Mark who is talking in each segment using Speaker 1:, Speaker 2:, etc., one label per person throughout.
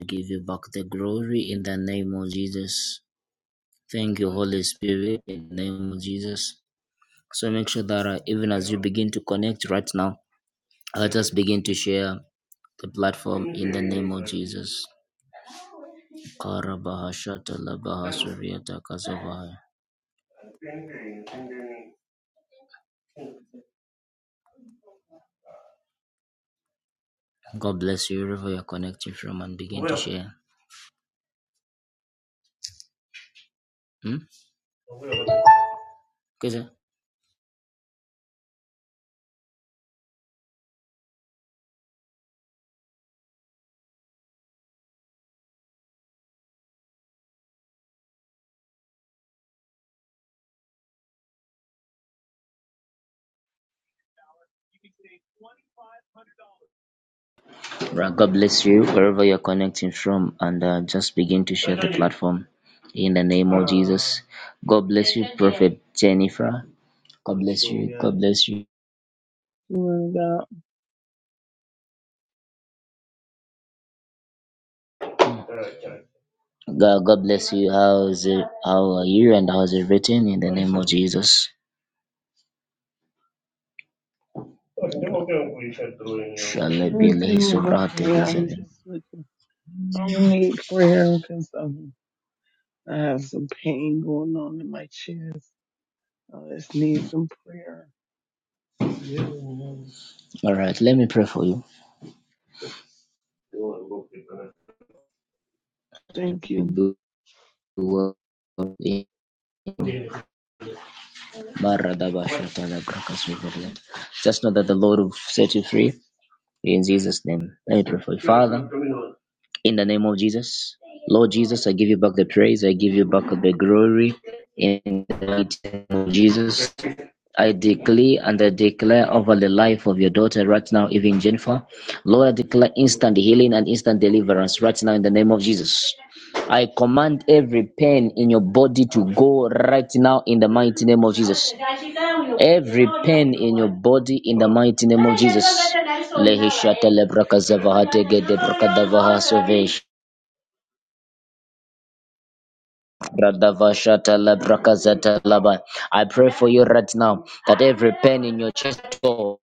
Speaker 1: I give you back the glory in the name of Jesus. Thank you, Holy Spirit, in the name of Jesus. So make sure that uh, even as you begin to connect right now, let us begin to share the platform in the name of Jesus. God bless you wherever you're connecting from and begin. Yeah. Hmm? Okay, Right, God bless you wherever you're connecting from and uh, just begin to share platform in the name of Jesus. God bless you, Jennifer. God bless, God bless you.
Speaker 2: Lord God,
Speaker 1: God, God bless you. How's it? How are you? And how's it written in the name of Jesus? Allah be Allahi
Speaker 2: everything is
Speaker 1: sovereign, take
Speaker 2: okay.
Speaker 1: us
Speaker 2: I'm
Speaker 1: heaven.
Speaker 2: just looking. I would need prayer because um, I have some pain going on in my chest. I just need some prayer.
Speaker 1: All right, let me pray for you.
Speaker 2: Thank you.
Speaker 1: Just know that the Lord will set you free in Jesus' name. Let me pray for you. Father, In the name of Jesus, Lord Jesus, I give you back the praise. I give you back the glory in the mighty name of Jesus. I declare and I declare over the life of your daughter right now, even Jennifer. Lord, I declare instant healing and instant deliverance right now in the name of Jesus. I command every pain in your body to go right now in the mighty name of Jesus. Body in the mighty name of I pray for you right now that every pain in your chest go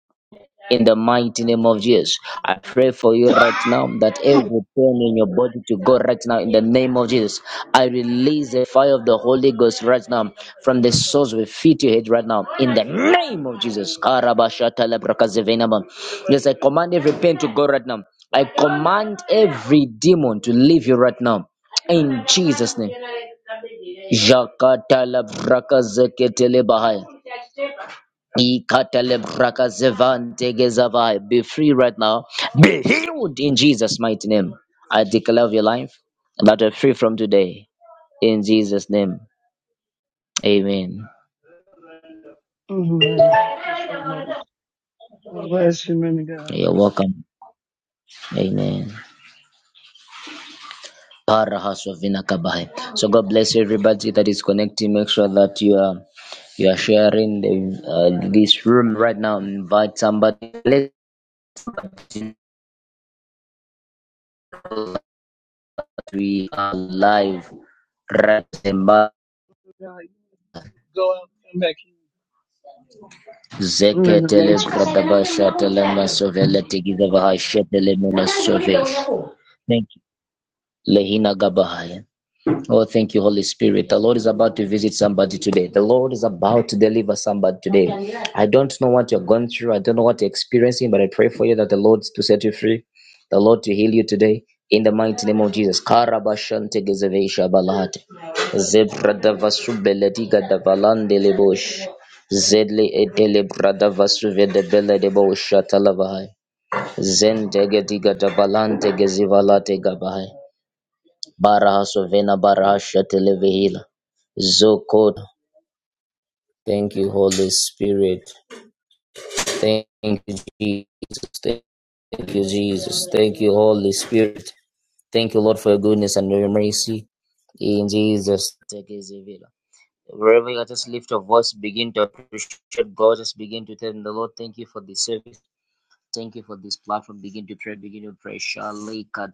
Speaker 1: in the mighty name of Jesus. I pray for you right now that every pain in your body to go right now in the name of Jesus. I release the fire of the Holy Ghost right now from the source we feed your head right now in the name of Jesus. Karabashata lebrakazevenama. Yes, I command every pain to go right now. I command every demon to leave you right now. Jakata labrakazeketelebahaya. Be free right now. Be healed in Jesus' mighty name. I declare of your life that you're free from today. In Jesus' name. Amen.
Speaker 2: Amen. Thank you so much. God bless you, man of God.
Speaker 1: You're welcome. Amen. Parahasovina kabai. So God bless everybody that is connecting. Make sure that you are you are sharing the, uh, this room right now. Invite somebody. Let them know that we are live. Right.
Speaker 2: God, you need to go out and come back in. You're in the matrix.
Speaker 1: So Oh, thank you, Holy Spirit. The Lord is about to visit somebody today. The Lord is about to deliver somebody today. I don't know what you're going through. I don't know what you're experiencing, but I pray for you that the Lord to set you free, the Lord to heal you today. In the mighty name of Jesus. Karabashante gezeveisha balahate. Zebra davasu belediga davalande lebosh. Zedle edele bradavasu vedebele debo shatalavahai. Zentege diga dabalante gezivalate gabahe. Barahaso vena barahasha televihila. Zoko. Thank you, Holy Spirit. Thank you, Jesus. Thank you, Jesus. Thank you, Holy Spirit. Thank you, Lord, for your goodness and your mercy. In Jesus. Tegezivila. Wherever you are, just lift your voice, begin to appreciate God, just begin to tell Him, the Lord, thank you for this service. Thank you for this platform. Begin to pray, begin to pray. Shalika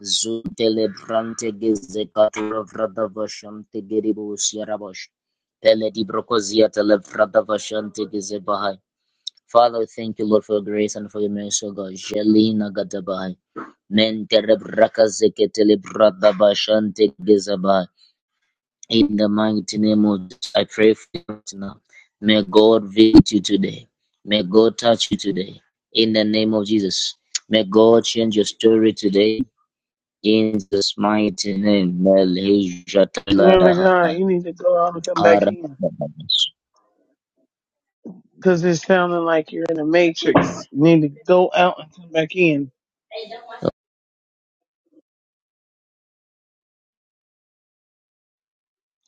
Speaker 1: Zutele brante geze katuro vrada vashante geribus yarabosh. Pele di brokozia tele vrada vashante bahai. Father, thank you, Lord, for your grace and for your mercy, O God. Jelina gadabahai. Mentere brakazeke tele brada vashante geze bahai. In the mighty name of Jesus, I pray for you right now. May God visit you today. May God touch you today. In the name of Jesus. May God change your story today Jesus' mighty name, Malaysia
Speaker 2: Man of
Speaker 1: Talada.
Speaker 2: God, you need to go out and come
Speaker 1: Now,
Speaker 2: back in. Because it's sounding like you're in a matrix. You need to go out and come back in.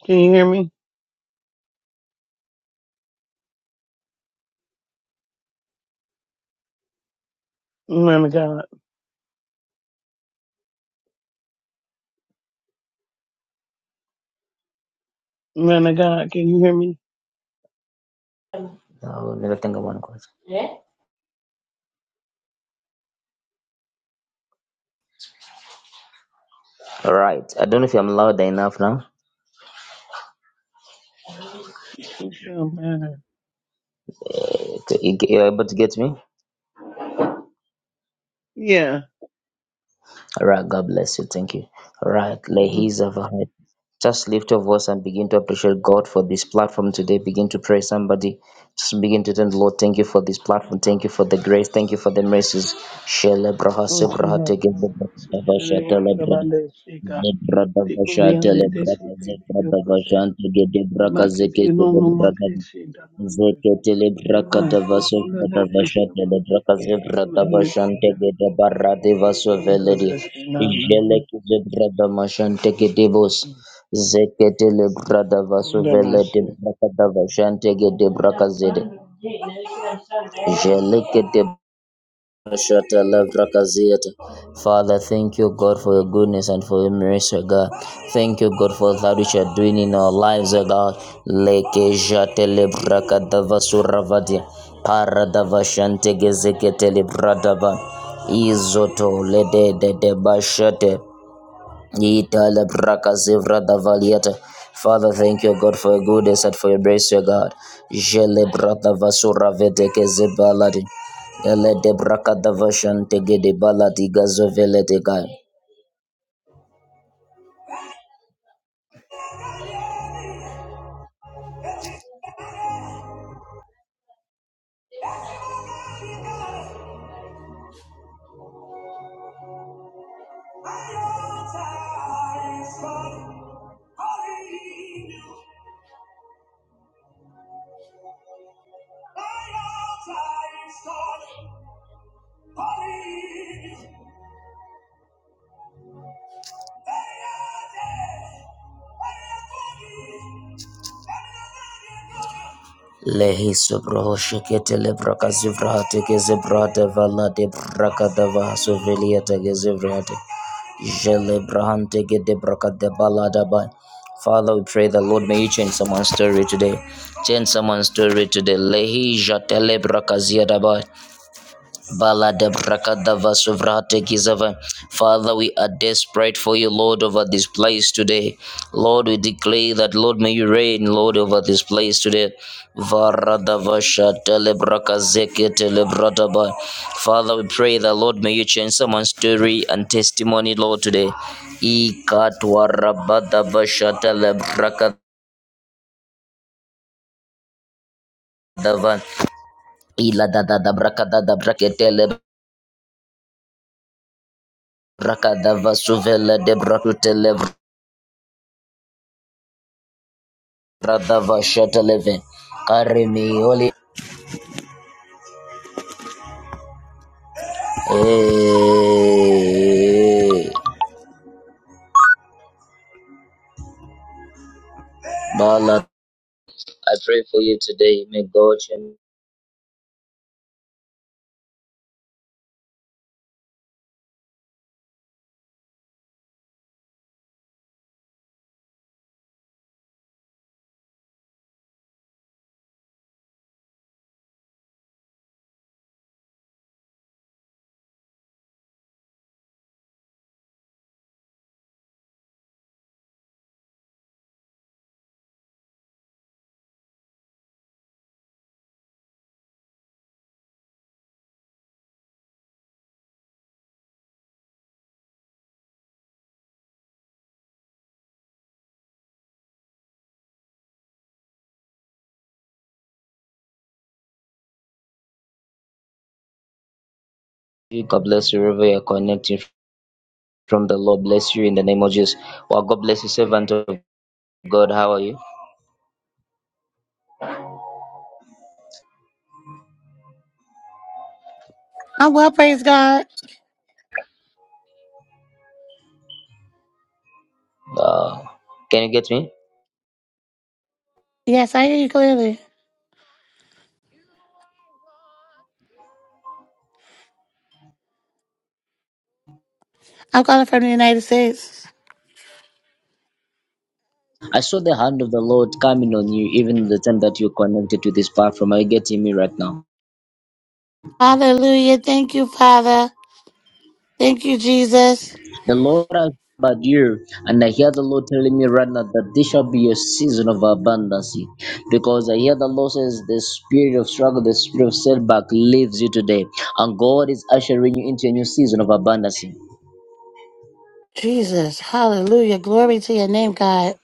Speaker 2: Can you hear me? Man of God. Man of God, can you hear me?
Speaker 1: never think of one question. All right. I don't know if I'm loud enough now.
Speaker 2: It sound better.
Speaker 1: Okay, you- You're able to get me?
Speaker 2: Yeah.
Speaker 1: Alright, God bless you. Thank you. Alright,
Speaker 2: Mm-hmm.
Speaker 1: ladies His our head. Just lift your voice and begin to appreciate God for this platform today. Begin to pray somebody. Just begin to thank the Lord. Thank you for this platform. Thank you for the grace. Thank you for the mercies. Shele braha se
Speaker 2: Okay,
Speaker 1: braha te
Speaker 2: brother.
Speaker 1: bo braha ba
Speaker 2: Speaking of
Speaker 1: sha
Speaker 2: the
Speaker 1: te
Speaker 2: one called
Speaker 1: braha.
Speaker 2: Amanda Shika,
Speaker 1: Ze braha
Speaker 2: the
Speaker 1: ba sha te
Speaker 2: Korean, they they should
Speaker 1: braha.
Speaker 2: they
Speaker 1: Ze
Speaker 2: they
Speaker 1: braha
Speaker 2: will
Speaker 1: ba sha te de
Speaker 2: The
Speaker 1: braha ze
Speaker 2: market,
Speaker 1: ke
Speaker 2: you
Speaker 1: te
Speaker 2: know, no more
Speaker 1: braha.
Speaker 2: they say, the Amanda.
Speaker 1: Zeketele
Speaker 2: You
Speaker 1: braka
Speaker 2: want to
Speaker 1: dava
Speaker 2: see Korea,
Speaker 1: sovra
Speaker 2: they
Speaker 1: dava
Speaker 2: they still want
Speaker 1: shatele
Speaker 2: to
Speaker 1: braka zevra
Speaker 2: go.
Speaker 1: dava
Speaker 2: They go there.
Speaker 1: gede barra deva
Speaker 2: They go
Speaker 1: soveledi.
Speaker 2: there, nah,
Speaker 1: Jele
Speaker 2: nah,
Speaker 1: ki brada dama shante gede bos. Zeketele brada vaso veledi
Speaker 2: nah.
Speaker 1: braka dava shante gede braka zede. Jele kete Shata Lavra Father, thank you, God, for your goodness and for your mercy, God. Thank you, God, for that which you are doing in our lives, oh God. Leke Jate Lavra Kadava Suravadia. Paradava Shante Izoto Lede de de de Bashate. Yitala braka zevra davaliata. Father, thank you, God, for your goodness and for your grace, your God. Jele brata vasura vedeke zebaladi. Ele de braka davashan tege de baladi gazovele de gai. Lehiso brohoshekete lebrakazivraate gezebrate valade brakadava suveliate gezevriate. Jelebrahante gedebrakade baladaba. Father, we pray the Lord may you change someone's story today. Change someone's story today. Lehi jatele brakazi adabai. Bala de Brakadava Suvrate Kizava. Father, we are desperate for you, Lord, over this place today. Lord, we declare that, Lord, may you reign, Lord, over this place today. Varadavasha telebrakazeke telebradaba. Father, we pray that, Lord, may you change someone's story and testimony, Lord, today. Ikatwarabadavasha telebrakadava. Ila da da da braka da da braketele braka da vasuvela de brakutele Brother Vashetta Levin, Karimioli. Hey, Bala, I pray for you today. May God and you. God bless you wherever you are connecting from. The Lord bless you in the name of Jesus. Well, God bless you, servant of God. How are you?
Speaker 3: I'm well, praise God.
Speaker 1: Uh, can you get me?
Speaker 3: Yes, I hear you clearly. I'm calling from the United States.
Speaker 1: I saw the hand of the Lord coming on you even the time that you connected to this platform. Are you getting me right now?
Speaker 3: Hallelujah. Thank you, Father. Thank you, Jesus.
Speaker 1: The Lord has about you, and I hear the Lord telling me right now that this shall be a season of abundance. Because I hear the Lord says the spirit of struggle, the spirit of setback leaves you today, and God is ushering you into a new season of abundance.
Speaker 3: Jesus. Hallelujah. Glory to your name, God.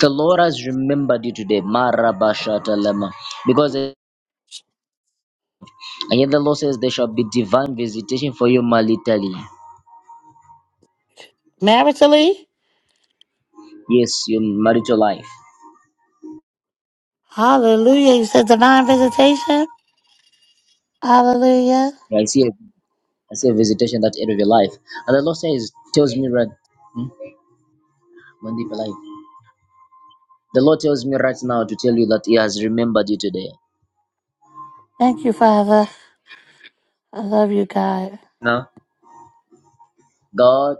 Speaker 1: The Lord has remembered you today, Marabashatalama. Because I hear the Lord says there shall be divine visitation for you maritally.
Speaker 3: Maritally.
Speaker 1: Yes, your marital life.
Speaker 3: Hallelujah. You said divine visitation. Hallelujah.
Speaker 1: Yeah, I see a, I see a visitation in that area of your life. And the Lord says tells me right. Hmm? Mandeep alive. The Lord tells me right now to tell you that He has remembered you today.
Speaker 3: Thank you, Father. I love you, God.
Speaker 1: Now, God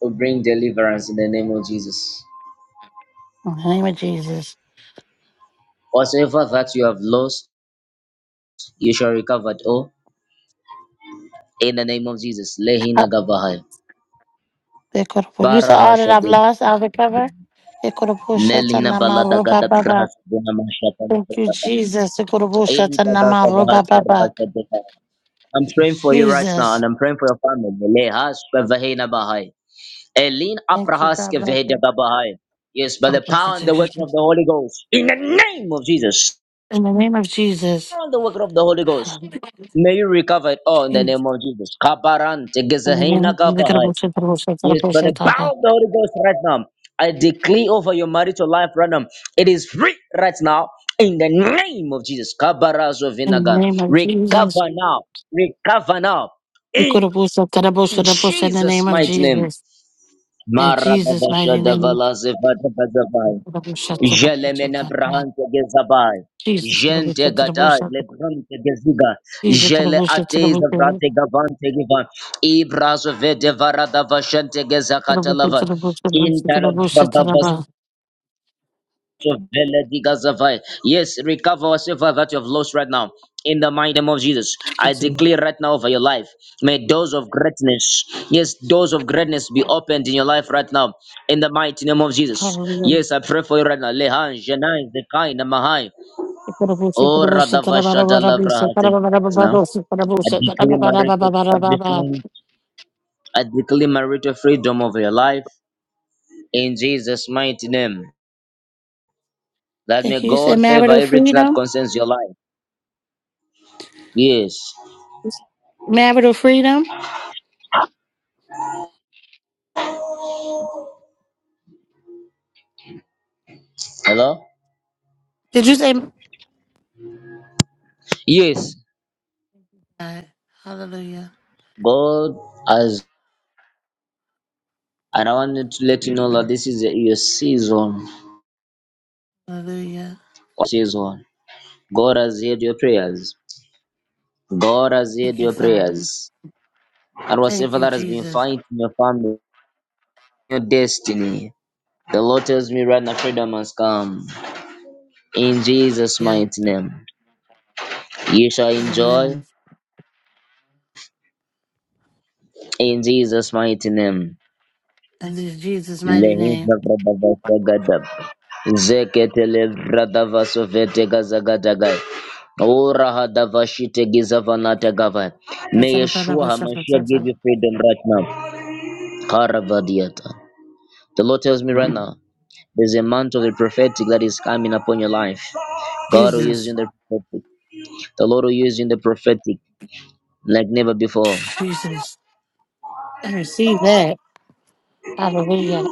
Speaker 1: will bring deliverance in the name of Jesus.
Speaker 3: In the name of Jesus.
Speaker 1: Whatsoever that you have lost, you shall recover it all in the name of Jesus. Lehina
Speaker 3: Up,
Speaker 1: gavahai.
Speaker 3: they could have put- You said
Speaker 1: Baraha
Speaker 3: all that I've
Speaker 1: shadid.
Speaker 3: lost, I'll recover. They could have put shut on
Speaker 1: Nelina
Speaker 3: my mouth,
Speaker 1: balada
Speaker 3: oh, ba,
Speaker 1: gada
Speaker 3: ba, ba.
Speaker 1: brahas dena mashata na
Speaker 3: Thank you,
Speaker 1: kutaba.
Speaker 3: Jesus. They could have put
Speaker 1: Ayin
Speaker 3: shut on my
Speaker 1: taga
Speaker 3: mouth, oh,
Speaker 1: kavahai
Speaker 3: ba, ba, ba.
Speaker 1: sebrahas sedeka. I'm praying for you right now
Speaker 3: Jesus.
Speaker 1: and I'm praying for your family. Lehas kavahina bahai. Elin
Speaker 3: Thank you. God
Speaker 1: Aprahaske
Speaker 3: bless
Speaker 1: Vede
Speaker 3: you.
Speaker 1: Babahai. Yes, by
Speaker 3: God
Speaker 1: the
Speaker 3: bless you,
Speaker 1: power and
Speaker 3: too,
Speaker 1: the working of
Speaker 3: Jesus.
Speaker 1: the Holy Ghost. In the name of Jesus.
Speaker 3: In the name of Jesus.
Speaker 1: Power and the working of the Holy Ghost.
Speaker 3: Hallelujah.
Speaker 1: May you recover it all in the name
Speaker 3: Jesus.
Speaker 1: of Jesus. Kabarante
Speaker 3: In the name
Speaker 1: Gezahina
Speaker 3: of Jesus.
Speaker 1: Gavahai.
Speaker 3: Karabusa, karabusa,
Speaker 1: Yes, by
Speaker 3: karabusa,
Speaker 1: the power
Speaker 3: taba.
Speaker 1: of the Holy Ghost right now. I declare over your marital life right now. It is free right now in the name of Jesus. Kabarazo
Speaker 3: In the
Speaker 1: Vinaga.
Speaker 3: name of Jesus.
Speaker 1: Recover now. Recover now. In
Speaker 3: Ukurabusa, karabusa, karabusa, In the
Speaker 1: Jesus'
Speaker 3: name of
Speaker 1: mighty name.
Speaker 3: Jesus. In Jesus'
Speaker 1: Marababasha
Speaker 3: mighty name.
Speaker 1: davala zevada bazavai.
Speaker 3: Karabusa, karabusa,
Speaker 1: Jelemena
Speaker 3: taba.
Speaker 1: brahante gezabai.
Speaker 3: Jesus.
Speaker 1: Gente
Speaker 3: karabusa,
Speaker 1: gadai
Speaker 3: karabusa.
Speaker 1: lebrante geziga.
Speaker 3: Jesus.
Speaker 1: Jele
Speaker 3: karabusa, karabusa,
Speaker 1: atez
Speaker 3: karabusa,
Speaker 1: vrate gavante giva. Ibrazo vede varada vashante gezakatalava.
Speaker 3: karabusa, karabusa, karabusa,
Speaker 1: Intalababa
Speaker 3: taba.
Speaker 1: Yes, recover whatsoever that you have lost right now. In the mighty name of Jesus, I
Speaker 3: Jesus.
Speaker 1: declare right now over your life, may doors of greatness, yes, doors of greatness be opened in your life right now. In the mighty name of Jesus,
Speaker 3: Hallelujah.
Speaker 1: yes, I pray for you right now. Lehan, Janai, Zekai, Namahai.
Speaker 3: Karabushi,
Speaker 1: Oh,
Speaker 3: karabushi,
Speaker 1: Radavashada
Speaker 3: karabarabushi,
Speaker 1: Lavrahate. Now,
Speaker 3: karabarababarushi,
Speaker 1: I
Speaker 3: karabushi,
Speaker 1: declare marital
Speaker 3: karabarabarabarababa.
Speaker 1: establishment. I declare marital freedom over your life. In Jesus' mighty name, that may
Speaker 3: Thank you. You said
Speaker 1: God favor
Speaker 3: marital
Speaker 1: everything that
Speaker 3: freedom?
Speaker 1: concerns your life. Yes.
Speaker 3: Marital freedom?
Speaker 1: Hello?
Speaker 3: Did you say?
Speaker 1: Yes.
Speaker 3: God. Hallelujah.
Speaker 1: God has and I wanted to let you know that this is your season.
Speaker 3: Hallelujah.
Speaker 1: Your Season. God has heard your prayers. God has
Speaker 3: Thank
Speaker 1: heard
Speaker 3: you,
Speaker 1: your
Speaker 3: Father.
Speaker 1: prayers. And
Speaker 3: Thank
Speaker 1: whatever
Speaker 3: you,
Speaker 1: that has been
Speaker 3: Jesus.
Speaker 1: fighting your family, your destiny. The Lord tells me right now, freedom has come. In Jesus'
Speaker 3: Yeah.
Speaker 1: mighty name. You shall enjoy
Speaker 3: Amen.
Speaker 1: in Jesus' mighty name.
Speaker 3: And this is Jesus' mighty name.
Speaker 1: Lehiza Bradavasa Gadab. Zeketele Bradavaso Vetegazagadagai. Ora Hadavashite Gizavanata Gavai. May Yeshua HaMashiach give you freedom right now. Karavadiata. The Lord tells me right now, there's a mantle of the prophetic that is coming upon your life. God will use you
Speaker 3: Jesus.
Speaker 1: in the prophetic. The Lord will use you in the prophetic like never before.
Speaker 3: Jesus. I receive that. Hallelujah.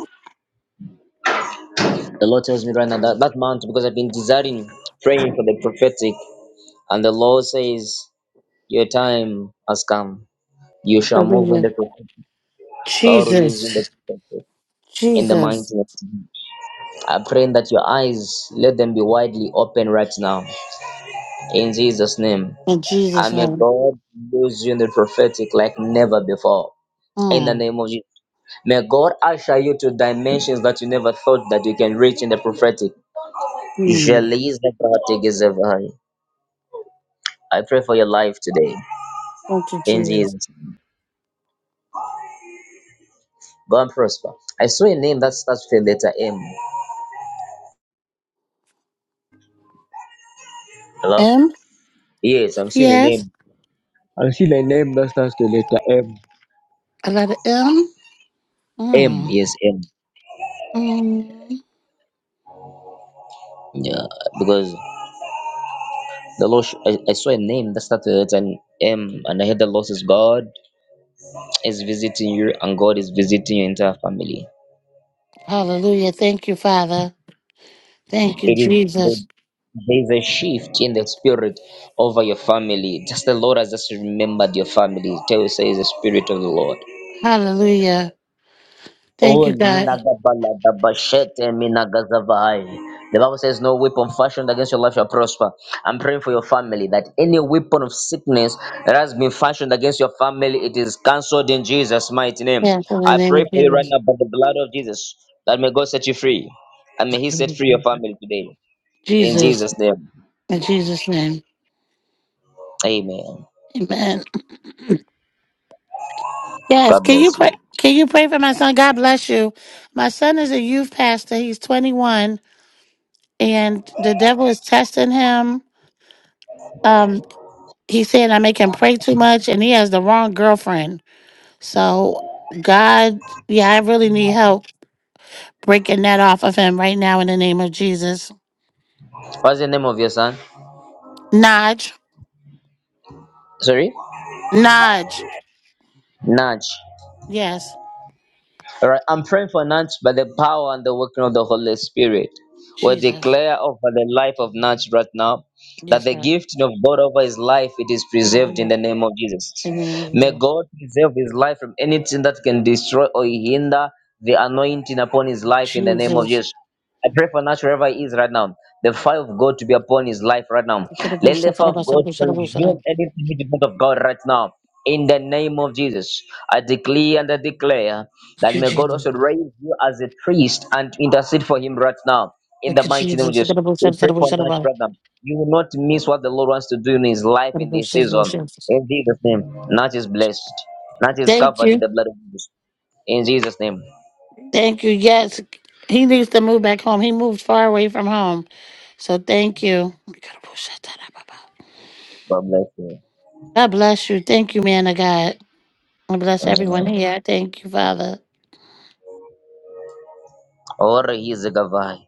Speaker 1: The Lord tells me right now that that mantle because I've been desiring, praying for the prophetic, and the Lord says. Your time has come. You shall move in
Speaker 3: Hallelujah.
Speaker 1: the prophetic. God will use you in the
Speaker 3: Jesus.
Speaker 1: prophetic, in the mighty.
Speaker 3: Jesus.
Speaker 1: name. I pray that your eyes let them be widely open right now. In Jesus' name.
Speaker 3: In Jesus'
Speaker 1: And may
Speaker 3: name.
Speaker 1: God use you in the prophetic like never before. In the
Speaker 3: Mm.
Speaker 1: name of Jesus. May God usher you to dimensions that you never thought that you can reach in the prophetic.
Speaker 3: Mm.
Speaker 1: Jeliz Nebrati Gizevahai. I pray for your life today.
Speaker 3: Thank you,
Speaker 1: In
Speaker 3: Jesus.
Speaker 1: Jesus. name. Go and prosper. I saw a name that starts with the letter M. Hello?
Speaker 3: M?
Speaker 1: Yes, I'm seeing the
Speaker 3: Yes.
Speaker 1: name
Speaker 3: I got an M.
Speaker 1: M.
Speaker 3: Mm.
Speaker 1: Yes, M.
Speaker 3: Mm.
Speaker 1: Yeah, because the Lord, sh- I, I saw a name that started with an M, and I heard the Lord says God is visiting you, and God is visiting your entire family.
Speaker 3: Hallelujah. Thank you, Father. Thank you,
Speaker 1: It is there's,
Speaker 3: Jesus.
Speaker 1: there's a shift in the spirit over your family. Just the Lord has just remembered your family. Tell you, say, is the spirit of the Lord.
Speaker 3: Hallelujah. Thank
Speaker 1: Oh,
Speaker 3: you,
Speaker 1: Lina
Speaker 3: God.
Speaker 1: Gabala Dabashete Mina Gazavai. The Bible says, No weapon fashioned against your life shall prosper. I'm praying for your family that any weapon of sickness that has been fashioned against your family, it is cancelled in Jesus' mighty name.
Speaker 3: Yes, in the
Speaker 1: I
Speaker 3: name
Speaker 1: pray
Speaker 3: of
Speaker 1: for you right
Speaker 3: Jesus.
Speaker 1: now by the blood of Jesus that may God set you free and may He set free your family today. In
Speaker 3: Jesus.
Speaker 1: Jesus' name,
Speaker 3: In Jesus' name.
Speaker 1: Amen.
Speaker 3: Amen. Yes,
Speaker 1: God
Speaker 3: can
Speaker 1: bless
Speaker 3: you pray?
Speaker 1: you.
Speaker 3: Can you pray for my son? God bless you. My son is a youth pastor. He's 21, and the devil is testing him. Um. he said I make him pray too much and he has the wrong girlfriend. So God, yeah, I really need help breaking that off of him right now in the name of Jesus.
Speaker 1: What's the name of your son?
Speaker 3: Nudge,
Speaker 1: Sorry,
Speaker 3: nudge.
Speaker 1: Naj.
Speaker 3: Yes,
Speaker 1: All right, I'm praying for Nance by the power and the working of the Holy Spirit. We
Speaker 3: Jesus.
Speaker 1: declare over the life of Nance right now that
Speaker 3: Yes,
Speaker 1: the
Speaker 3: God.
Speaker 1: gift of God over his life it is preserved in
Speaker 3: Hallelujah.
Speaker 1: the name of Jesus.
Speaker 3: In the name of
Speaker 1: May God preserve his life from anything that can destroy or hinder the anointing upon his life in the name of
Speaker 3: Jesus.
Speaker 1: Jesus.
Speaker 3: Jesus.
Speaker 1: I pray for Nash wherever he is right now. The fire of God to be upon his life right now. Let the fire of God consume
Speaker 3: Thank
Speaker 1: any impediment of God right now. In the name of Jesus, I declare and I declare that
Speaker 3: you,
Speaker 1: may God
Speaker 3: Jesus.
Speaker 1: also raise you as a priest and intercede for him right now. In the
Speaker 3: Thank you,
Speaker 1: mighty name of Jesus, we pray for Nash
Speaker 3: Jesus.
Speaker 1: right now. You will not miss what the Lord wants to do in his life in this season. In Jesus' name, Nash is blessed. Nash is
Speaker 3: Thank you,
Speaker 1: covered
Speaker 3: Jesus.
Speaker 1: in the blood of Jesus. In Jesus' name,
Speaker 3: Thank you. Yes, he needs to move back home. He moved far away from home. So thank you.
Speaker 1: God bless you.
Speaker 3: God bless you. Thank you, man of God. And bless everyone
Speaker 1: Amen.
Speaker 3: here. Thank you, Father.
Speaker 1: Or he's a Gavai.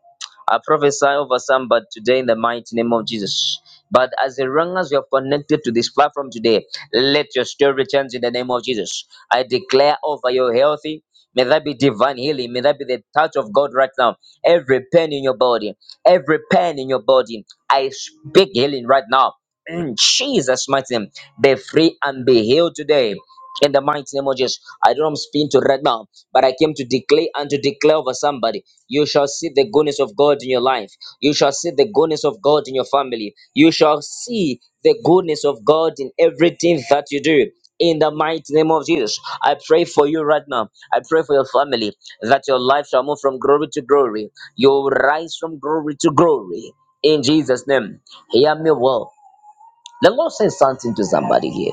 Speaker 1: I prophesy over some, but today in the mighty name of Jesus. But as long as you are connected to this platform today, let your story change in the name of Jesus. I declare over your healthy. May that be divine healing. May that be the touch of God right now. Every pain in your body, every pain in your body, I speak healing right now. In Jesus' mighty name, be free and be healed today. In the mighty name of Jesus, I don't speak to right now but I came to declare and to declare over somebody. You shall see the goodness of God in your life. You shall see the goodness of God in your family. You shall see the goodness of God in everything that you do. In the mighty name of Jesus, I pray for you right now. I pray for your family that your life shall move from glory to glory. You'll rise from glory to glory. In Jesus' name, hear me well. The Lord says something to somebody here.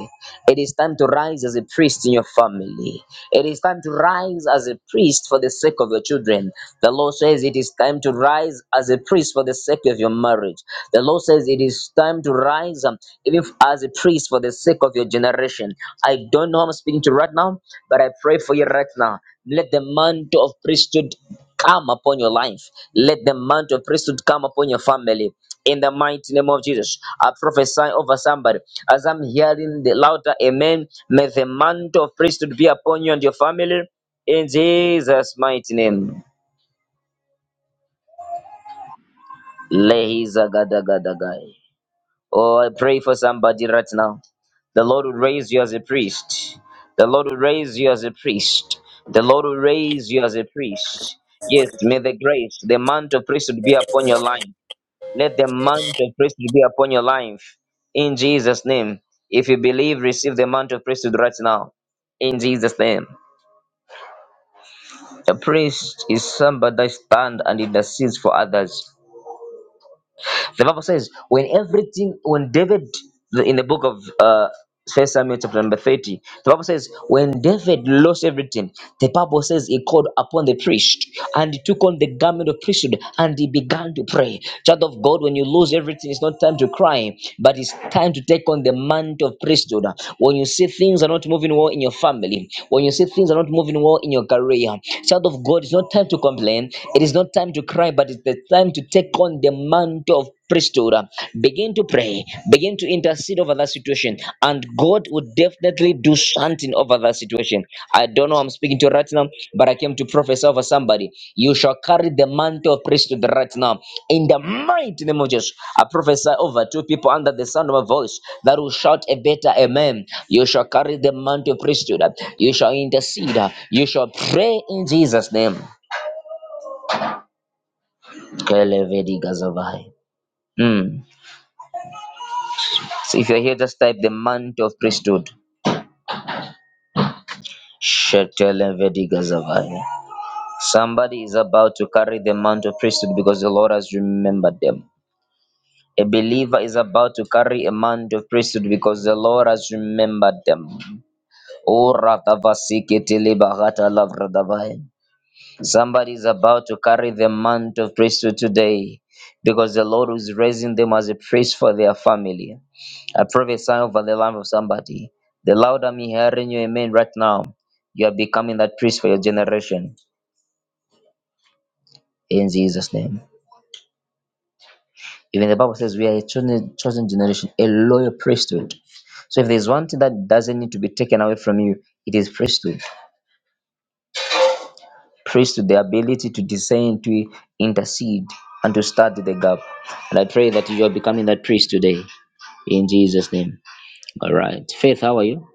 Speaker 1: It is time to rise as a priest in your family. It is time to rise as a priest for the sake of your children. The Lord says it is time to rise as a priest for the sake of your marriage. The Lord says it is time to rise um, even as a priest for the sake of your generation. I don't know who I'm speaking to right now, but I pray for you right now. Let the mantle of priesthood come upon your life. Let the mount of priesthood come upon your family. In the mighty name of Jesus, I prophesy over somebody. As I'm hearing the louder amen, may the mantle of priesthood be upon you and your family. In Jesus' mighty name. Lehizagadagadagai. Oh, I pray for somebody right now. The Lord will raise you as a priest. The Lord will raise you as a priest. The Lord will raise you as a priest. Yes, may the grace, the mantle of priesthood be upon your life. Let the mantle of priesthood be upon your life in Jesus' name. If you believe, receive the mantle of priesthood right now in Jesus' name. A priest is somebody that stands and intercedes for others. The Bible says, when everything, when David, in the book of uh, First Samuel chapter number 30, the Bible says, when David lost everything, the Bible says he called upon the priest and he took on the garment of priesthood and he began to pray. Child of God, when you lose everything, it's not time to cry, but it's time to take on the mantle of priesthood. When you see things are not moving well in your family, when you see things are not moving well in your career, child of God, it's not time to complain. It is not time to cry, but it's the time to take on the mantle of priesthood uh, begin to pray begin to intercede over that situation and god would definitely do something over that situation i don't know who i'm speaking to right now but i came to prophesy over somebody you shall carry the mantle of priesthood right now in the mighty name of jesus i prophesy over two people under the sound of my voice that will shout a better amen you shall carry the mantle of priesthood you shall intercede you shall pray in jesus name Kelevedi Gazavai. Mm. So if you're here, just type the mantle of priesthood. Shetele vediga zavai. Somebody is about to carry the mantle of priesthood because the Lord has remembered them. A believer is about to carry a mantle of priesthood because the Lord has remembered them. Ora kavasike tele barata lavradavai. Somebody is about to carry the mantle of priesthood today because the Lord is raising them as a priest for their family. I prophesy over the life of somebody. The louder me hearing you, amen, right now, you are becoming that priest for your generation in Jesus' name. Even the Bible says we are a chosen, chosen generation, a loyal priesthood. So if there's one thing that doesn't need to be taken away from you, it is priesthood. Praise to the ability to discern, to intercede, and to start the gap. And I pray that you are becoming that priest today in Jesus' name. All right. Faith, how are you?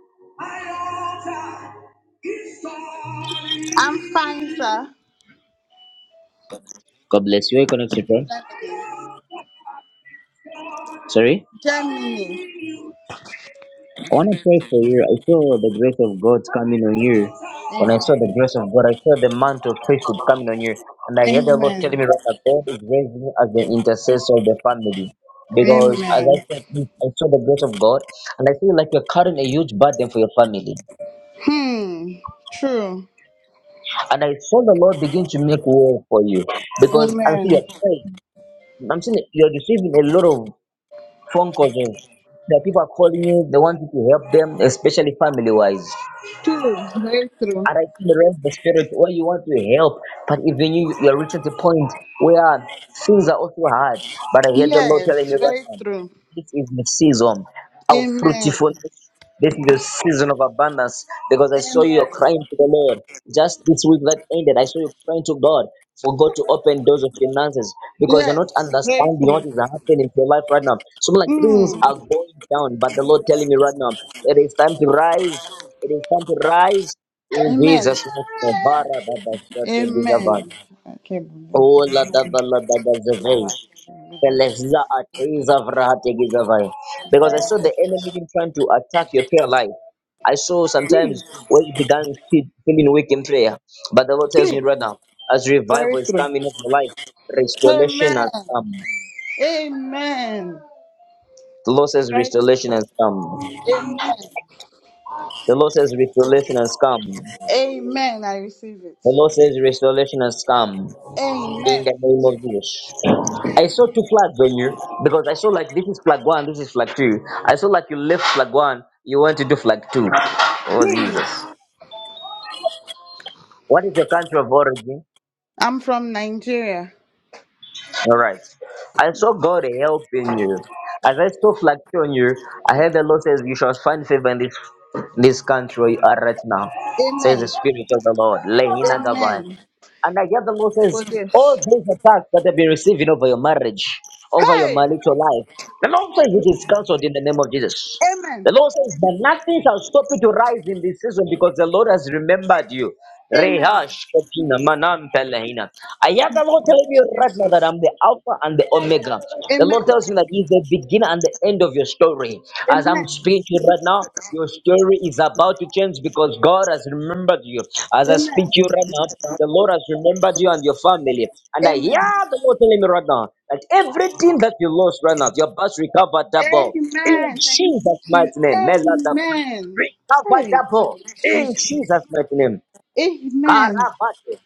Speaker 4: I'm fine, sir.
Speaker 1: God bless you. Are you connected, bro?
Speaker 4: Germany.
Speaker 1: Sorry?
Speaker 4: Germany.
Speaker 1: I want to pray for you. I saw the grace of God coming on you. When I saw
Speaker 4: Amen.
Speaker 1: the grace of God, I saw the mantle of priesthood coming on you. And I heard the Lord telling
Speaker 4: Amen.
Speaker 1: me right that God is raising you as the intercessor of the family. Because as I
Speaker 4: Amen.
Speaker 1: said, I saw the grace of God, and I feel like you're carrying a huge burden for your family.
Speaker 4: Hmm. True.
Speaker 1: And I saw the Lord begin to make way for you because I'm seeing
Speaker 4: Amen.
Speaker 1: you're praying. I'm seeing that you're receiving a lot of phone calls of that people are calling you, they want you to help them, especially family wise.
Speaker 4: True. Very true.
Speaker 1: And I feel the the spirit where you want to help, but even you you are reached the point where things are also hard. But I hear the Lord telling
Speaker 4: Yes.
Speaker 1: me right
Speaker 4: Very
Speaker 1: now,
Speaker 4: true.
Speaker 1: this is the season of
Speaker 4: Amen.
Speaker 1: fruitfulness. This is the season of abundance because I saw you
Speaker 4: Amen.
Speaker 1: crying to the Lord just this week that ended. I saw you crying to God for God to open doors of finances because you're
Speaker 4: Yes.
Speaker 1: not
Speaker 4: Very
Speaker 1: understanding what
Speaker 4: true.
Speaker 1: is happening in your life right now. So like things
Speaker 4: Hmm.
Speaker 1: are going down, but the Lord telling me right now, it is time to rise. It is time to rise. In
Speaker 4: Amen.
Speaker 1: Jesus' name, Bara Baba Sete Gizavan.
Speaker 4: Amen. I can't believe
Speaker 1: Ola
Speaker 4: it.
Speaker 1: Davala Daga Zavei. Belezla Atei Zavrahate Gizavai. Because I saw the enemy even trying to attack your prayer life. I saw
Speaker 4: Hmm.
Speaker 1: sometimes when you began fe- feeling weak in prayer, but the Lord tells me
Speaker 4: True.
Speaker 1: right now, as
Speaker 4: Very
Speaker 1: revival is
Speaker 4: true.
Speaker 1: coming in your life,
Speaker 4: Amen.
Speaker 1: restoration has come.
Speaker 4: Amen.
Speaker 1: The Lord says
Speaker 4: Very.
Speaker 1: restoration has come.
Speaker 4: Amen.
Speaker 1: The Lord says restoration has come.
Speaker 4: Amen. I receive it.
Speaker 1: The Lord says restoration has come.
Speaker 4: Amen.
Speaker 1: In the name of Jesus. I
Speaker 4: Amen.
Speaker 1: saw two flags on you because I saw like this is flag one, this is flag two. I saw like you left flag one, you went to do flag two. Oh
Speaker 4: Hmm.
Speaker 1: Jesus. What is your country of origin?
Speaker 4: I'm from Nigeria.
Speaker 1: Alright. I saw God helping you. As I saw flag two on you, I heard the Lord says you shall find favor in this this country where you are right now. Says the
Speaker 4: Amen.
Speaker 1: Spirit of the Lord. Lehina
Speaker 4: Amen.
Speaker 1: And I hear the Lord says,
Speaker 4: About this.
Speaker 1: all those attacks that they've been receiving over your marriage, over your
Speaker 4: Hey.
Speaker 1: marital life, the Lord says it is cancelled in the name of Jesus.
Speaker 4: Amen.
Speaker 1: The Lord says that nothing shall stop you to rise in this season because the Lord has remembered you.
Speaker 4: Amen.
Speaker 1: Rehash ketina manan pelehina. I hear the Lord telling you right now that
Speaker 4: Jesus.
Speaker 1: I'm the Alpha and the Omega. The
Speaker 4: Amen.
Speaker 1: Lord tells me that He's the beginner and the end of your story. As
Speaker 4: Amen.
Speaker 1: I'm speaking to you right now, your story is about to change because God has remembered you. As I speak
Speaker 4: Amen.
Speaker 1: to you right now, the Lord has remembered you and your family. And I hear
Speaker 4: Amen.
Speaker 1: the Lord telling me right now that everything that you lost right now, your bus recovered double. In
Speaker 4: Amen. Thank
Speaker 1: Jesus'
Speaker 4: you. Jesus.
Speaker 1: mighty name. Mela double.
Speaker 4: Amen.
Speaker 1: Recover
Speaker 4: Hey.
Speaker 1: double. In
Speaker 4: Jesus.
Speaker 1: Jesus' mighty name.
Speaker 4: Amen.
Speaker 1: Karabate.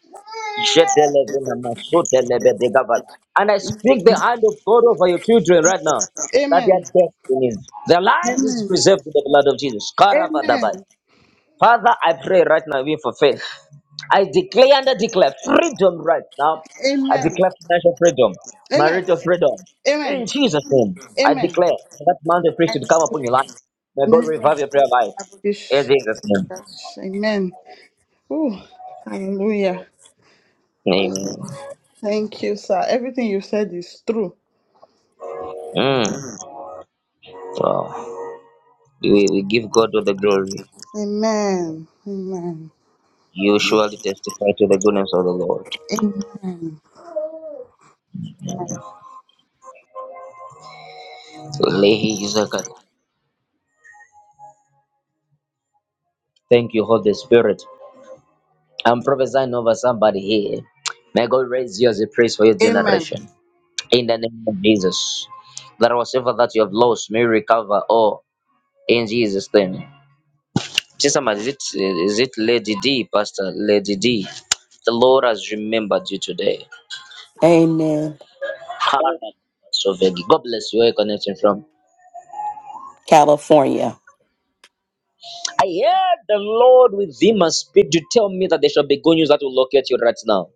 Speaker 1: And I speak the hand of God over your children right now. That their
Speaker 4: Amen.
Speaker 1: destinies, their life is
Speaker 4: Amen.
Speaker 1: preserved in the blood of Jesus.
Speaker 4: Amen.
Speaker 1: Karavadabai.
Speaker 4: Amen.
Speaker 1: Father, I pray right now, even for faith. I declare and I declare freedom right now. I declare financial freedom,
Speaker 4: Amen.
Speaker 1: marital freedom.
Speaker 4: Amen.
Speaker 1: In Jesus' name, I
Speaker 4: Amen.
Speaker 1: declare that mountain
Speaker 4: I
Speaker 1: priest should come
Speaker 4: receive
Speaker 1: upon your life. May
Speaker 4: in the
Speaker 1: God
Speaker 4: name of
Speaker 1: revive your prayer life.
Speaker 4: Jesus, I will
Speaker 1: In Jesus' name.
Speaker 4: Amen. Oh, hallelujah.
Speaker 1: Amen.
Speaker 4: Thank you, sir. Everything you said is true.
Speaker 1: Mm. Wow. We, we give God all the glory.
Speaker 4: Amen. Amen.
Speaker 1: You surely testify to the goodness of the Lord.
Speaker 4: Amen.
Speaker 1: Lehi Isaac. Thank you, Holy Spirit. I'm prophesying over somebody here. May God raise you as a priest for your
Speaker 4: Amen.
Speaker 1: generation. In the name of Jesus. That whatever that you have lost may recover all in Jesus' name. Just somebody, is it, is it Lady D, Pastor Lady D? The Lord has remembered you today.
Speaker 5: Amen.
Speaker 1: Hallelujah. So, Vegi, God bless you. Where are you connecting from?
Speaker 5: California.
Speaker 1: I heard the Lord with within and speak to tell me that there shall be good news that will locate you right now.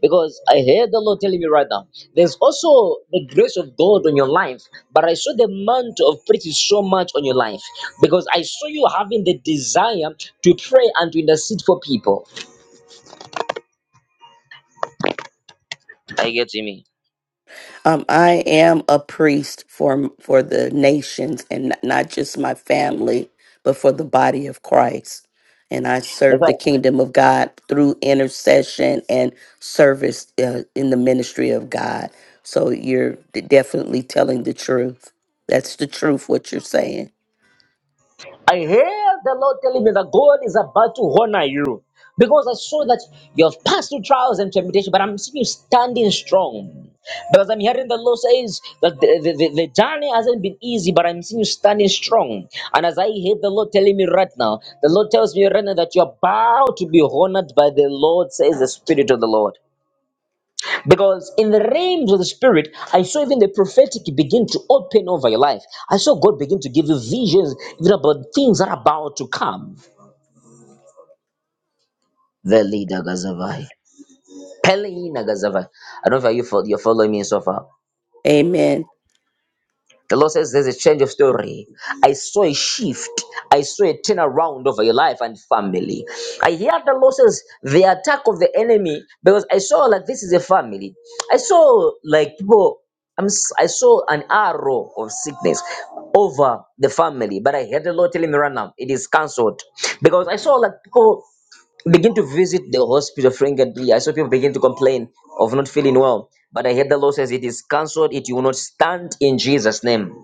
Speaker 1: Because I heard the Lord telling me right now, there's also the grace of God on your life, but I saw the mantle of praise is so much on your life because I saw you having the desire to pray and to intercede for people. Are you getting me?
Speaker 5: Um, I am a priest for for the nations and n- not just my family, but for the body of Christ. And I
Speaker 1: That's
Speaker 5: serve
Speaker 1: why
Speaker 5: the kingdom of God through intercession and service uh, in the ministry of God. So you're d- definitely telling the truth. That's the truth. What you're saying.
Speaker 1: I hear the Lord telling me that God is about to honor you because I saw that you have passed through trials and temptation, but I'm seeing you standing strong. Because I'm hearing the Lord says that the, the, the, the journey hasn't been easy, but I'm seeing you standing strong. And as I hear the Lord telling me right now, the Lord tells me right now that you're about to be honored by the Lord, says the Spirit of the Lord. Because in the realms of the spirit, I saw even the prophetic begin to open over your life. I saw God begin to give you visions even about things that are about to come. Veli Dagazavai. Peleina Gazavai. I don't know if you you're following me so far.
Speaker 5: Amen.
Speaker 1: The Lord says there's a change of story. I saw a shift. I saw a turnaround over your life and family. I hear the Lord says the attack of the enemy because I saw like this is a family. I saw like people. I'm, s- I saw an arrow of sickness over the family, but I heard the Lord telling me right now it is cancelled because I saw like people begin to visit the hospital frequently. I saw people begin to complain of not feeling well, but I heard the Lord says it is cancelled. It will not stand in Jesus' name.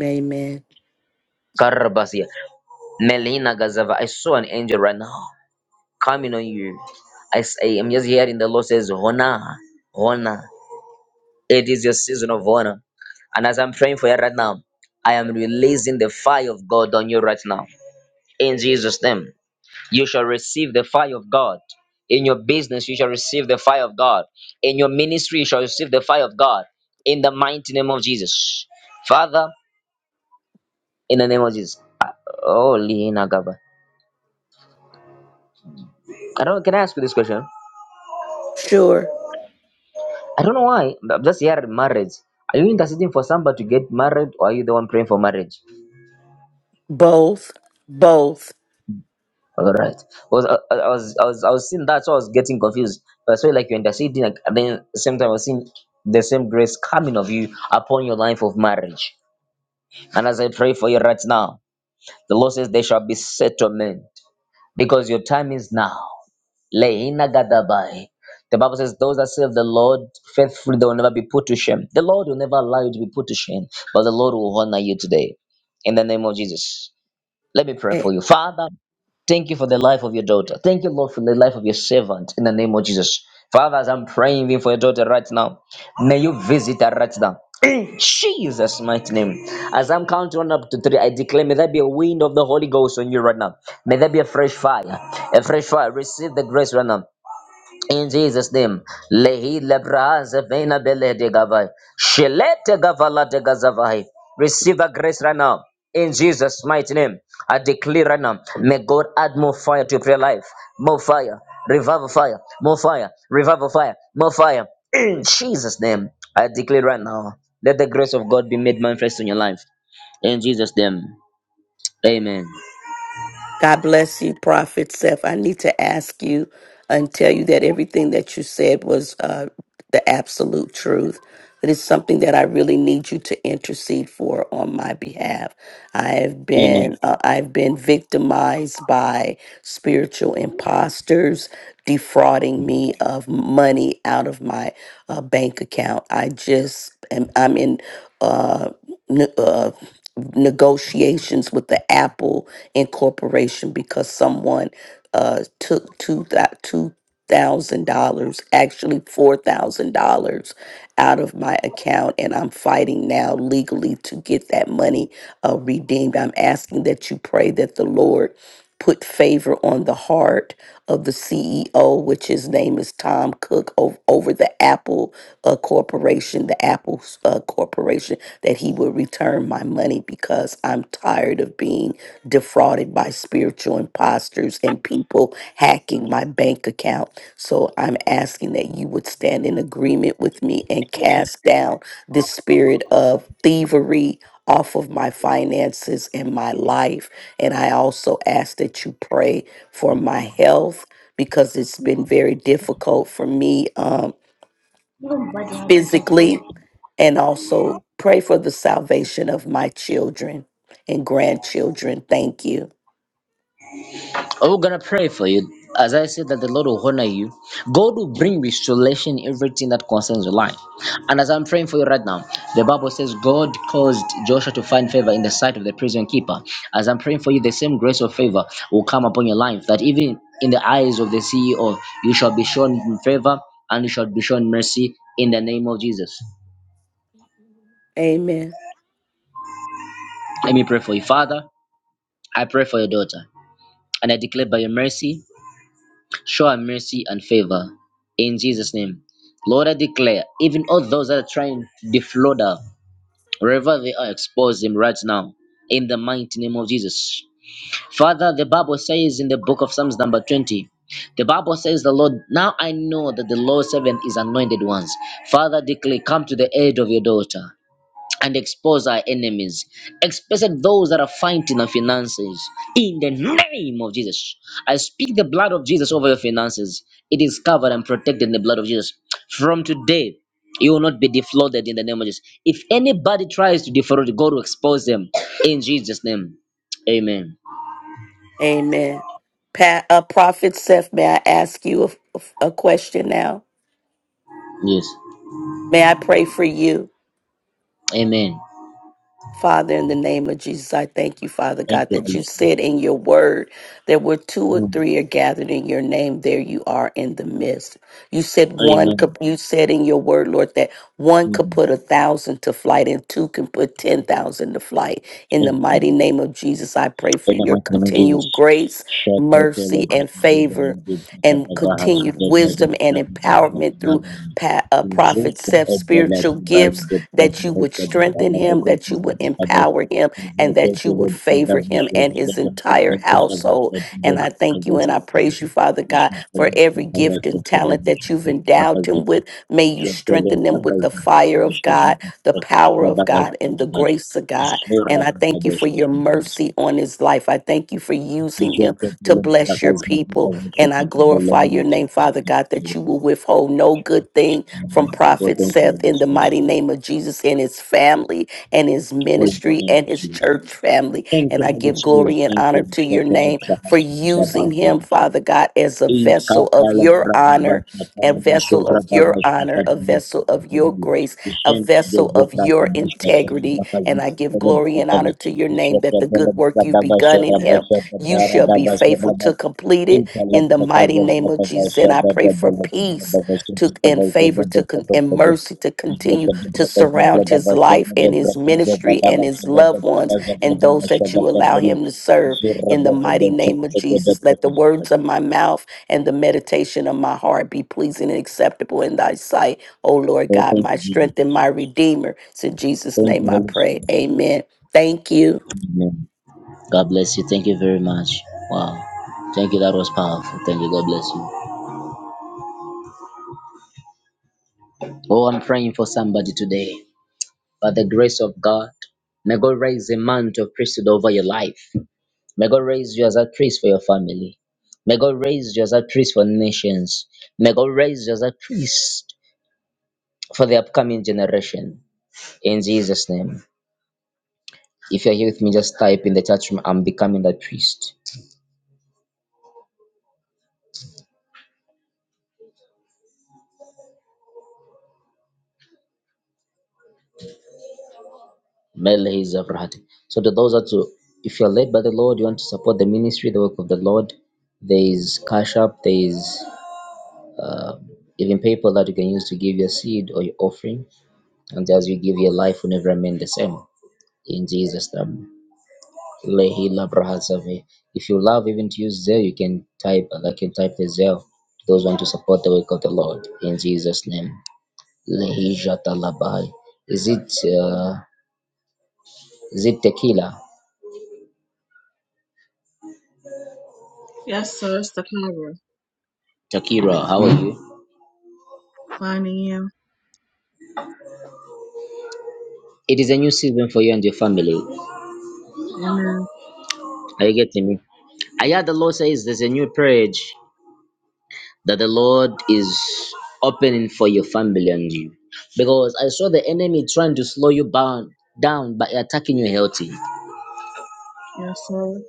Speaker 5: Amen.
Speaker 1: Karabasia. Melina Gazava. I saw an angel right now coming on you. I say, I'm just hearing the Lord says, Honor, honor. It is your season of honor. And as I'm praying for you right now, I am releasing the fire of God on you right now. In Jesus' name, you shall receive the fire of God. In your business, you shall receive the fire of God. In your ministry, you shall receive the fire of God. In the mighty name of Jesus. Father, in the name of Jesus. Holy I don't. Can I ask you this question?
Speaker 5: Sure.
Speaker 1: I don't know why. I'm just here. at Marriage. Are you interceding for somebody to get married, or are you the one praying for marriage?
Speaker 5: Both. Both.
Speaker 1: All right. Was I, I I was I was I was seeing that, so I was getting confused. But I saw like you're interceding, like, and then at the same time I was seeing the same grace coming of you upon your life of marriage. And as I pray for you right now, the Lord says there shall be settlement because your time is now. Leina gadabai. The Bible says, Those that serve the Lord faithfully, they will never be put to shame. The Lord will never allow you to be put to shame, but the Lord will honor you today. In the name of Jesus. Let me pray
Speaker 5: Eh,
Speaker 1: for you. Father, thank you for the life of your daughter. Thank you, Lord, for the life of your servant in the name of Jesus. Father, as I'm praying even for your daughter right now, may you visit her right now. In Jesus' mighty name. As I'm counting one up to three, I declare, may there be a wind of the Holy Ghost on you right now. May there be a fresh fire. A fresh fire. Receive the grace right now. In Jesus' name, lehi lebra zevena bele de gavai, shelete gavala de gazavai. Receive a grace right now. In Jesus' mighty name, I declare right now, may God add more fire to your prayer life. More fire, revival fire, more fire, revival fire, more fire. In Jesus' name, I declare right now, let the grace of God be made manifest in your life. In Jesus' name, amen.
Speaker 5: God bless you, Prophet Seth. I need to ask you and tell you that everything that you said was uh, the absolute truth. That is something that I really need you to intercede for on my behalf. I have
Speaker 1: Amen.
Speaker 5: been uh, I've been victimized by spiritual imposters defrauding me of money out of my uh, bank account. I just am I'm in. uh, ne- uh, negotiations with the Apple Incorporation because someone uh, took two two thousand dollars, actually four thousand dollars, out of my account, and I'm fighting now legally to get that money uh, redeemed. I'm asking that you pray that the Lord put favor on the heart of the CEO, which his name is Tom Cook, over, over the Apple uh, Corporation, the Apple uh, Corporation, that he will return my money because I'm tired of being defrauded by spiritual imposters and people hacking my bank account. So I'm asking that you would stand in agreement with me and cast down this spirit of thievery off of my finances and my life and I also ask that you pray for my health because it's been very difficult for me um, physically. And also pray for the salvation of my children and grandchildren. Thank you.
Speaker 1: Oh, we're gonna pray for you. As I said that the Lord will honor you. God will bring restoration in everything that concerns your life. And as I'm praying for you right now, the Bible says God caused Joshua to find favor in the sight of the prison keeper. As I'm praying for you, the same grace of favor will come upon your life. That even in the eyes of the CEO, you shall be shown favor and you shall be shown mercy in the name of Jesus.
Speaker 5: Amen.
Speaker 1: Let me pray for you, Father. I pray for your daughter, and I declare by your mercy Show her mercy and favor in Jesus' name. Lord, I declare, even all those that are trying to defraud her, wherever they are, expose them right now in the mighty name of Jesus. Father, the Bible says in the book of Psalms, number 20, the Bible says, The Lord, now I know that the Lord's servant is anointed ones. Father, declare, come to the aid of your daughter and expose our enemies, especially those that are fighting our finances. In the name of Jesus, I speak the blood of Jesus over your finances. It is covered and protected in the blood of Jesus. From today, you will not be defrauded in the name of Jesus. If anybody tries to defraud, God will expose them in Jesus' name. Amen.
Speaker 5: Amen. Pat, uh, Prophet Seth, may I ask you a, a question now?
Speaker 1: Yes.
Speaker 5: May I pray for you?
Speaker 1: Amen.
Speaker 5: Father, in the name of Jesus, I thank you, Father
Speaker 1: Thank
Speaker 5: God,
Speaker 1: you.
Speaker 5: that
Speaker 1: Holy
Speaker 5: you
Speaker 1: Spirit.
Speaker 5: said in your word that where two or
Speaker 1: Mm.
Speaker 5: three are gathered in your name, there you are in the midst. You said one could
Speaker 1: Amen.
Speaker 5: you said in your word, Lord, that one could
Speaker 1: Mm.
Speaker 5: put a thousand to flight and two can put ten thousand to flight. In the
Speaker 1: Amen.
Speaker 5: mighty name of Jesus, I pray for your continued grace, mercy, and favor, and continued wisdom and empowerment through pa- uh, prophet Seth's spiritual gifts that you would strengthen him, that you would empower him, and that you would favor him and his entire household. And I thank you and I praise you, Father God, for every gift and talent that you've endowed him with. May you strengthen them with the fire of God, the power of God, and the grace of God. And I thank you for your mercy on his life. I thank you for using him to bless your people. And I glorify your name, Father God, that you will withhold no good thing from Prophet Seth in the mighty name of Jesus and his family and his
Speaker 1: Oh,
Speaker 5: ministry
Speaker 1: thank
Speaker 5: and his
Speaker 1: you.
Speaker 5: church family.
Speaker 1: Thank
Speaker 5: And
Speaker 1: you,
Speaker 5: I
Speaker 1: Holy
Speaker 5: give
Speaker 1: Spirit.
Speaker 5: glory and
Speaker 1: Thank you.
Speaker 5: honor to your
Speaker 1: Intellect
Speaker 5: name for using him, Father God, as a vessel of your honor, a vessel of your honor, a vessel of your grace, a vessel of your integrity. And I give glory and honor to your name that the good work you've begun in him, you shall be faithful to complete it in the mighty name of Jesus. And I pray for peace to and favor
Speaker 1: because
Speaker 5: to con,
Speaker 1: of
Speaker 5: and
Speaker 1: the
Speaker 5: mercy to
Speaker 1: Oh,
Speaker 5: continue
Speaker 1: thank
Speaker 5: to
Speaker 1: you,
Speaker 5: surround his life and his ministry and his loved ones and those that you allow him to serve in the mighty name of Jesus. Let the words of my mouth and the meditation of my heart be pleasing and acceptable in thy sight, O Lord God, my
Speaker 1: Jesus.
Speaker 5: strength and my redeemer. It's in Jesus'
Speaker 1: Thank you,
Speaker 5: name I
Speaker 1: Holy
Speaker 5: pray.
Speaker 1: Spirit.
Speaker 5: Amen. Thank you.
Speaker 1: Amen. God bless you. Thank you very much. Wow. Thank you. That was powerful. Thank you. God bless you. Oh, I'm praying for somebody today. By the grace of God, may God raise a mantle of priesthood over your life. May God raise you as a priest for your family. May God raise you as a priest for nations. May God raise you as a priest for the upcoming generation. In Jesus' name. If you're here with me, just type in the chat room, I'm becoming that priest. Mele is So to those that who- if you're led by the Lord, you want to support the ministry, the work of the Lord, there is Cash App, there is uh, even PayPal that you can use to give your seed or your offering. And as you give your life, will never remain the same. In Jesus' name. Lehila Brahasavi. If you love even to use Zelle, you can type uh, like you type the Zell. Those want to support the work of the Lord in Jesus' name. Lehija Talabai. Is it uh, is it tequila?
Speaker 6: Yes, sir. It's the power.
Speaker 1: Takira, how are you?
Speaker 6: 9 a.m.
Speaker 1: It is a new season for you and your family.
Speaker 6: Amen.
Speaker 1: Are you getting me? I heard the Lord says there's a new page that the Lord is opening for your family and you. Because I saw the enemy trying to slow you bound, down by attacking your healthy.
Speaker 6: Yes, sir.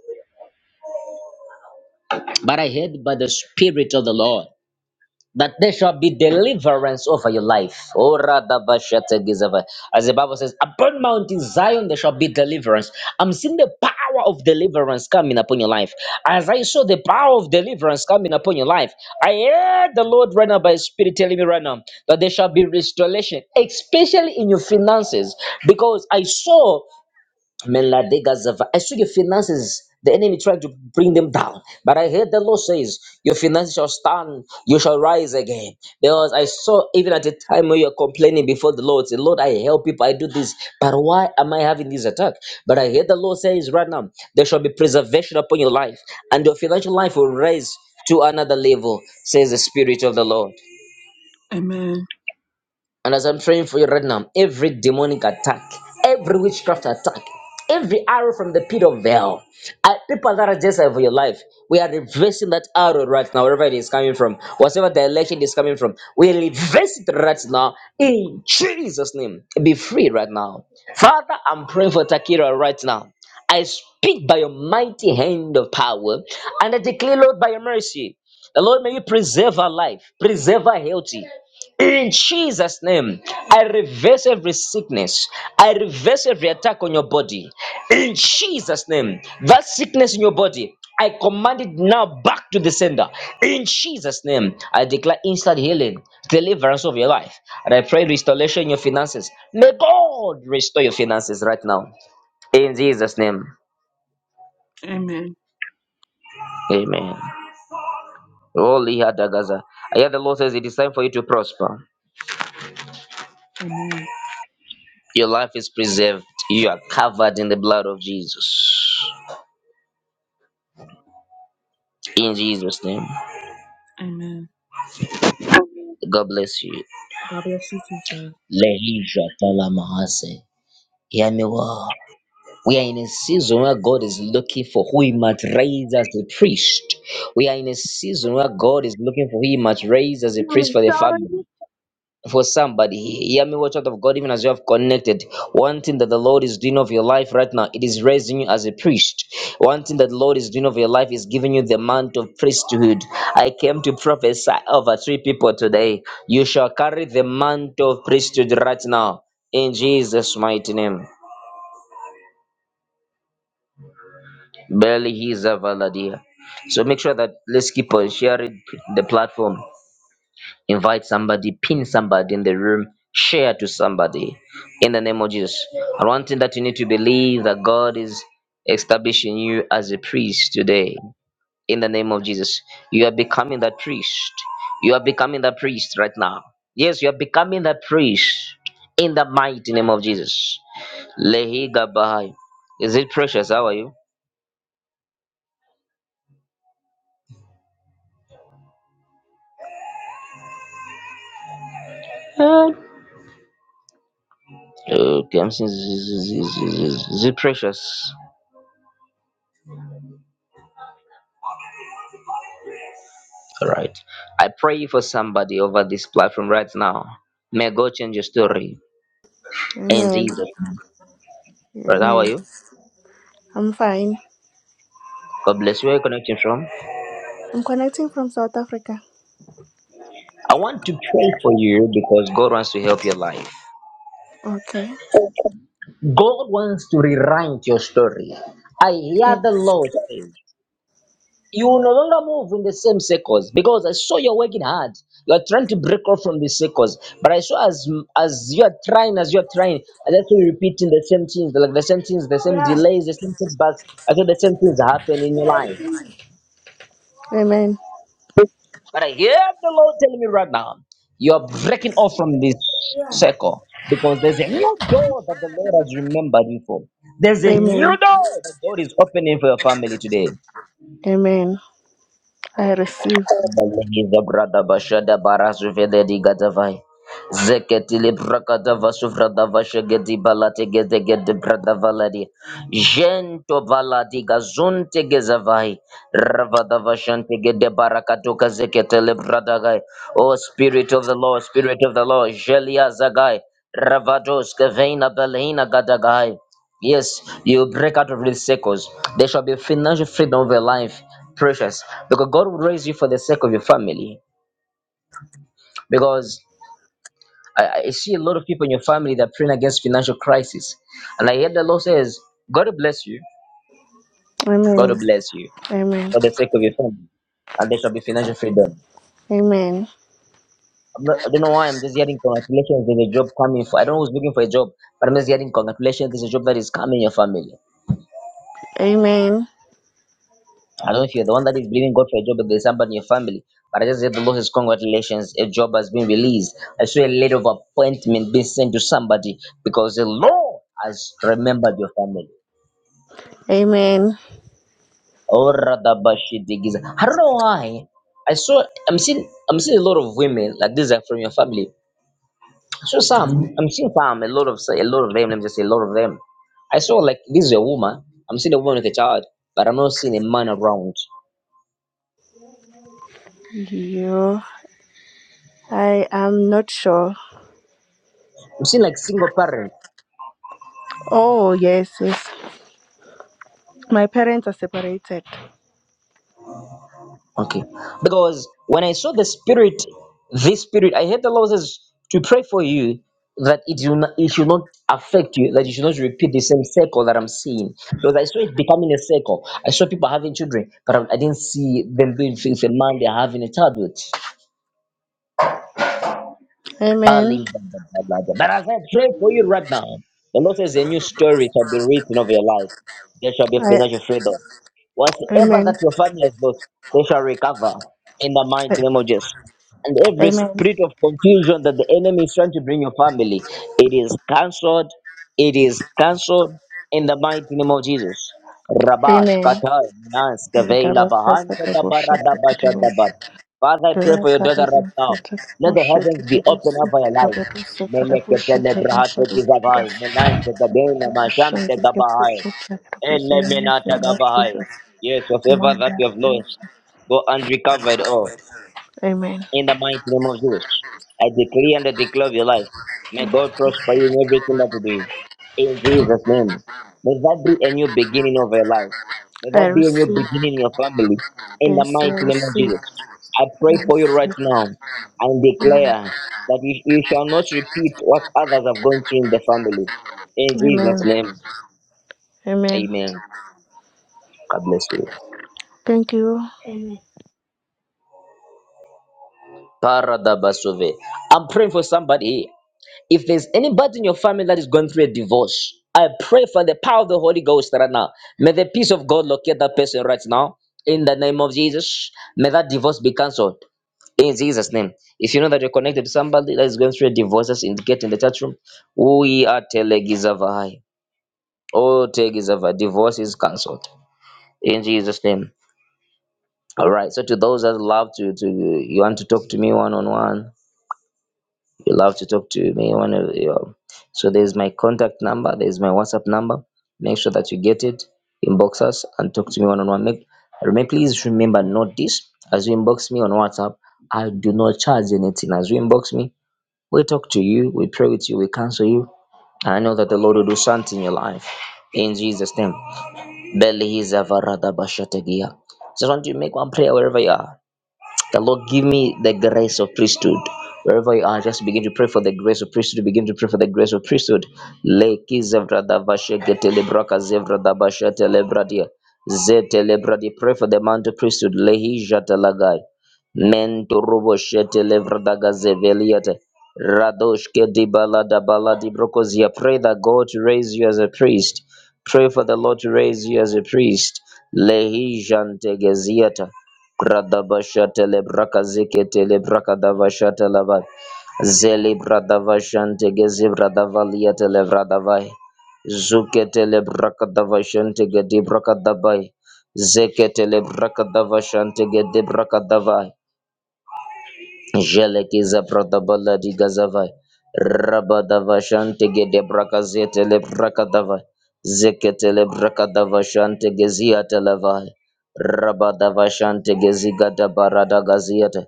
Speaker 1: But I heard by the Spirit of the Lord that there shall be deliverance over your life. Oh, radabashategizava. As the Bible says, upon Mount Zion there shall be deliverance. I'm seeing the power of deliverance coming upon your life. As I saw the power of deliverance coming upon your life, I heard the Lord right now by His Spirit telling me right now that there shall be restoration, especially in your finances, because I saw. Meladegazava. I saw your finances. The enemy tried to bring them down. But I heard the Lord says, Your finances shall stand, you shall rise again. Because I saw even at the time when you're complaining before the Lord, say, Lord, I help people, I do this. But why am I having this attack? But I heard the Lord says right now, there shall be preservation upon your life, and your financial life will rise to another level, says the Spirit of the Lord.
Speaker 6: Amen.
Speaker 1: And as I'm praying for you right now, every demonic attack, every witchcraft attack, every arrow from the pit of hell, uh, people that are just for your life, we are reversing that arrow right now, wherever it is coming from, whatever direction it is coming from. We reverse it right now in Jesus' name. Be free right now. Father, I'm praying for Takira right now. I speak by your mighty hand of power, and I declare, Lord, by your mercy, the Lord, may you preserve her life, preserve her healthy. In Jesus' name, I reverse every sickness. I reverse every attack on your body. In Jesus' name, that sickness in your body, I command it now back to the sender. In Jesus' name, I declare instant healing, deliverance of your life. And I pray restoration in your finances. May God restore your finances right now. In Jesus' name,
Speaker 6: Amen.
Speaker 1: amen. Holy Hadagaza. I hear the Lord says it is time for you to prosper.
Speaker 6: Amen.
Speaker 1: Your life is preserved. You are covered in the blood of Jesus. In Jesus' name.
Speaker 6: Amen.
Speaker 1: God bless you.
Speaker 6: God bless you too, sir.
Speaker 1: Lehisha talamahase. Hear me well. We are in a season where God is looking for who He might raise as a priest. We are in a season where God is looking for who He might raise as a priest
Speaker 7: I'm
Speaker 1: for the
Speaker 7: sorry.
Speaker 1: family. for somebody. Hear me, watch out of God, even as you have connected. One thing that the Lord is doing of your life right now, it is raising you as a priest. One thing that the Lord is doing of your life is giving you the mantle of priesthood. I came to prophesy over three people today. You shall carry the mantle of priesthood right now in Jesus' mighty name. Barely he is a valadia. So make sure that let's keep on sharing the platform. invite somebody, pin somebody in the room, share to somebody in the name of Jesus. And one thing that you need to believe that God is establishing you as a priest today in the name of Jesus. You are becoming that priest. You are becoming that priest right now. Yes, you are becoming that priest in the mighty name of Jesus. Lehi Gabahai. Is it precious? How are you? Okay, I'm saying, is is- is- is- is- is it precious? All right. I pray for somebody over this platform right now. May God change your story in
Speaker 8: Amen.
Speaker 1: Jesus. name. Brother, how are
Speaker 8: Amen.
Speaker 1: you?
Speaker 8: I'm fine.
Speaker 1: God bless you. Where are you connecting from?
Speaker 8: I'm connecting from South Africa.
Speaker 1: I want to pray for you because God wants to help your life.
Speaker 8: Okay.
Speaker 1: God wants to rewrite your story. I hear
Speaker 8: Yeah.
Speaker 1: the Lord. you will no longer move in the same circles because I saw you're working hard. You're trying to break off from the circles, but I saw as as you're trying, as you're trying, I just keep repeating the same things, like the same things, the same
Speaker 8: Yeah.
Speaker 1: delays, the same setbacks. I thought the same things happen in your life.
Speaker 8: Amen.
Speaker 1: But I hear the Lord telling me right now, you're breaking off from this circle because there's a new door that the Lord has remembered you for. There's a new
Speaker 8: Amen.
Speaker 1: door that God is opening for your family today.
Speaker 8: Amen. I receive.
Speaker 1: Bazuviza brada bashada barasu vele di gadavai. Zeketili brakada vasufrada vashegedi balate gede gede brada valadi. Gento valadi gazunte gezavai. Ravada vashante gede barakatuka zeketele brada gai. O Spirit of the Lord, Spirit of the Lord, Jelia zagai. Ravados kevena belena gadagai. Yes, you break out of these circles. There shall be financial freedom of your life, precious, because God will raise you for the sake of your family. Because I, I see a lot of people in your family that are praying against financial crisis, and I hear the Lord says, "God will bless you. God
Speaker 8: Amen.
Speaker 1: will bless you
Speaker 8: Amen.
Speaker 1: for the sake of your family, and there shall be financial freedom."
Speaker 8: Amen.
Speaker 1: I'm not, I don't know why I'm just hearing congratulations. There's a job coming for. I don't know who's looking for a job, but I'm just hearing congratulations. There's a job that is coming in your family.
Speaker 8: Amen.
Speaker 1: I don't know if you're the one that is believing God for a job, but there's somebody in your family. But I just said the Lord says, Congratulations, a job has been released. I saw a letter of appointment being sent to somebody because the Lord has remembered your family.
Speaker 8: Amen.
Speaker 1: Oh, radabashidigiza. I don't know why. I saw I'm seeing I'm seeing a lot of women like these are from your family. I saw some. I'm seeing some a lot of a lot of them. Let me just say a lot of them. I saw like this is a woman. I'm seeing a woman with a child, but I'm not seeing a man around.
Speaker 8: You. I am not sure.
Speaker 1: I'm seeing like single parent.
Speaker 8: Oh yes, yes. My parents are separated.
Speaker 1: Okay. Because when I saw the spirit, this spirit, I heard the Lord says to pray for you that it will not, it should not affect you, that you should not repeat the same cycle that I'm seeing. Because I saw it becoming a cycle. I saw people having children, but I, I didn't see them being fixed. A man, they're having a child with.
Speaker 8: Amen.
Speaker 1: But as I pray for you right now, the Lord says a new story shall be written of your life. There shall be
Speaker 8: I.
Speaker 1: financial freedom. Whatever
Speaker 8: Amen.
Speaker 1: that your family has lost, they shall recover in the mighty
Speaker 8: I-
Speaker 1: name of Jesus. And every
Speaker 8: Amen.
Speaker 1: spirit of confusion that the enemy is trying to bring your family, it is cancelled. It is cancelled in the mighty name of Jesus. Rabash Katar Nas
Speaker 8: Amen.
Speaker 1: Kaveila Bahan Kadabara Dabasha Dabar. Father, I pray
Speaker 8: La
Speaker 1: for your daughter
Speaker 8: carrera
Speaker 1: right now.
Speaker 8: se
Speaker 1: Let the
Speaker 8: trabushe,
Speaker 1: heavens
Speaker 8: que
Speaker 1: be open
Speaker 8: trabuse,
Speaker 1: over your life.
Speaker 8: trabuse, trabushe, trabuse,
Speaker 1: Meleketele Brahate
Speaker 8: trabushe,
Speaker 1: Gizavai, Menan Tegabela Masham
Speaker 8: que
Speaker 1: Tegabahai.
Speaker 8: trabuse, trabuse, in The name of
Speaker 1: Elemenatagabahai.
Speaker 8: Jesus.
Speaker 1: Yes, whatever that you have
Speaker 8: Mandarabus.
Speaker 1: lost, go and recover it all.
Speaker 8: Amen.
Speaker 1: In the mighty name of Jesus, I decree and I declare of your life. May God prosper you in everything that you do. In Jesus' name. May that be a new beginning of your life. May
Speaker 8: I
Speaker 1: that be a new
Speaker 8: receive.
Speaker 1: beginning in your family. In the
Speaker 8: Yes, I
Speaker 1: mighty name of
Speaker 8: receive.
Speaker 1: Jesus. I
Speaker 8: I
Speaker 1: pray for you right
Speaker 8: receive.
Speaker 1: now and declare that you, you shall not repeat what others have gone through in the family. In
Speaker 8: Amen.
Speaker 1: Jesus' name.
Speaker 8: Amen.
Speaker 1: Amen. God bless you.
Speaker 8: Thank you.
Speaker 1: Paradabasove. I'm praying for somebody If there's anybody in your family that is going through a divorce, I pray for the power of the Holy Ghost right now. May the peace of God locate that person right now. In the name of Jesus, may that divorce be cancelled. In Jesus' name. If you know that you're connected to somebody that is going through a divorce, just indicate in the chat room. We are telegizavai. Oh, telegizavai. Divorce is cancelled. In Jesus' name. All right. So to those that love to, to you want to talk to me one on one you love to talk to me one of your so there's my contact number there's my whatsapp number make sure that you get it inbox us and talk to me one on one make remember please remember note this as you inbox me on whatsapp i do not charge anything as you inbox me we talk to you we pray with you we counsel you and i know that the lord will do something in your life in jesus name belly is a varada bashategia just want you to make one prayer wherever you are the Lord give me the grace of priesthood. Wherever you are, just begin to pray for the grace of priesthood. Begin to pray for the grace of priesthood. Leki zevra davashe getele braka zevra dabashe telebradia. Zetele bradia. Pray for the mantle priesthood. Lehi jatalagai. Mento robo shetele vradaga zeveliate. Radoshke di balada baladi brokozia. Pray that God to raise you as a priest. Pray for the Lord to raise you as a priest. Lehi jantegeziata. Bradabashatele Brakaziketele Brakadavashatalava Zeli Bradavashantegezi Bradavaliatele Bradavai Zuketele Brakadavashantegedi Brakadabai Zeketele Brakadavashantegedi Brakadavai Jelekiza pradabala digazavai. Rabadava shante gede brakazete le brakadavai. Zekete le brakadava shante gezia televai. Rabadava shante gezigada barada gaziata.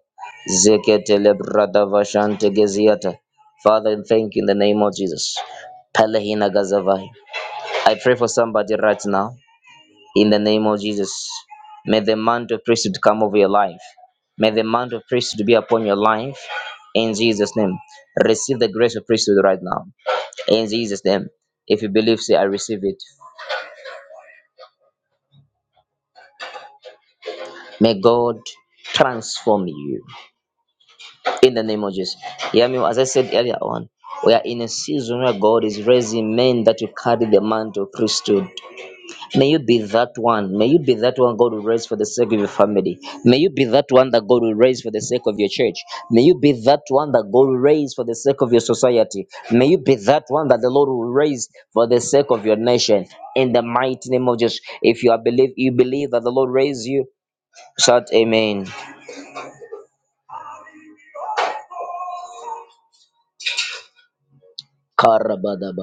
Speaker 1: Zekete le bradava shante geziata. Father, and thank you in the name of Jesus. Palehina gazavai. I pray for somebody right now in the name of Jesus. May the mantle of priesthood come over your life. May the mantle of priesthood be upon your life in Jesus' name. Receive the grace of priesthood right now in Jesus' name. If you believe, say, I receive it. May God transform you in the name of Jesus. Hear me, as I said earlier on, we are in a season where God is raising men that will carry the mantle of priesthood. May you be that one. May you be that one God will raise for the sake of your family. May you be that one that God will raise for the sake of your church. May you be that one that God will raise for the sake of your society. May you be that one that the Lord will raise for the sake of your nation. In the mighty name of Jesus. If you are believe you believe that the Lord raised you, shout amen. Karabadabada.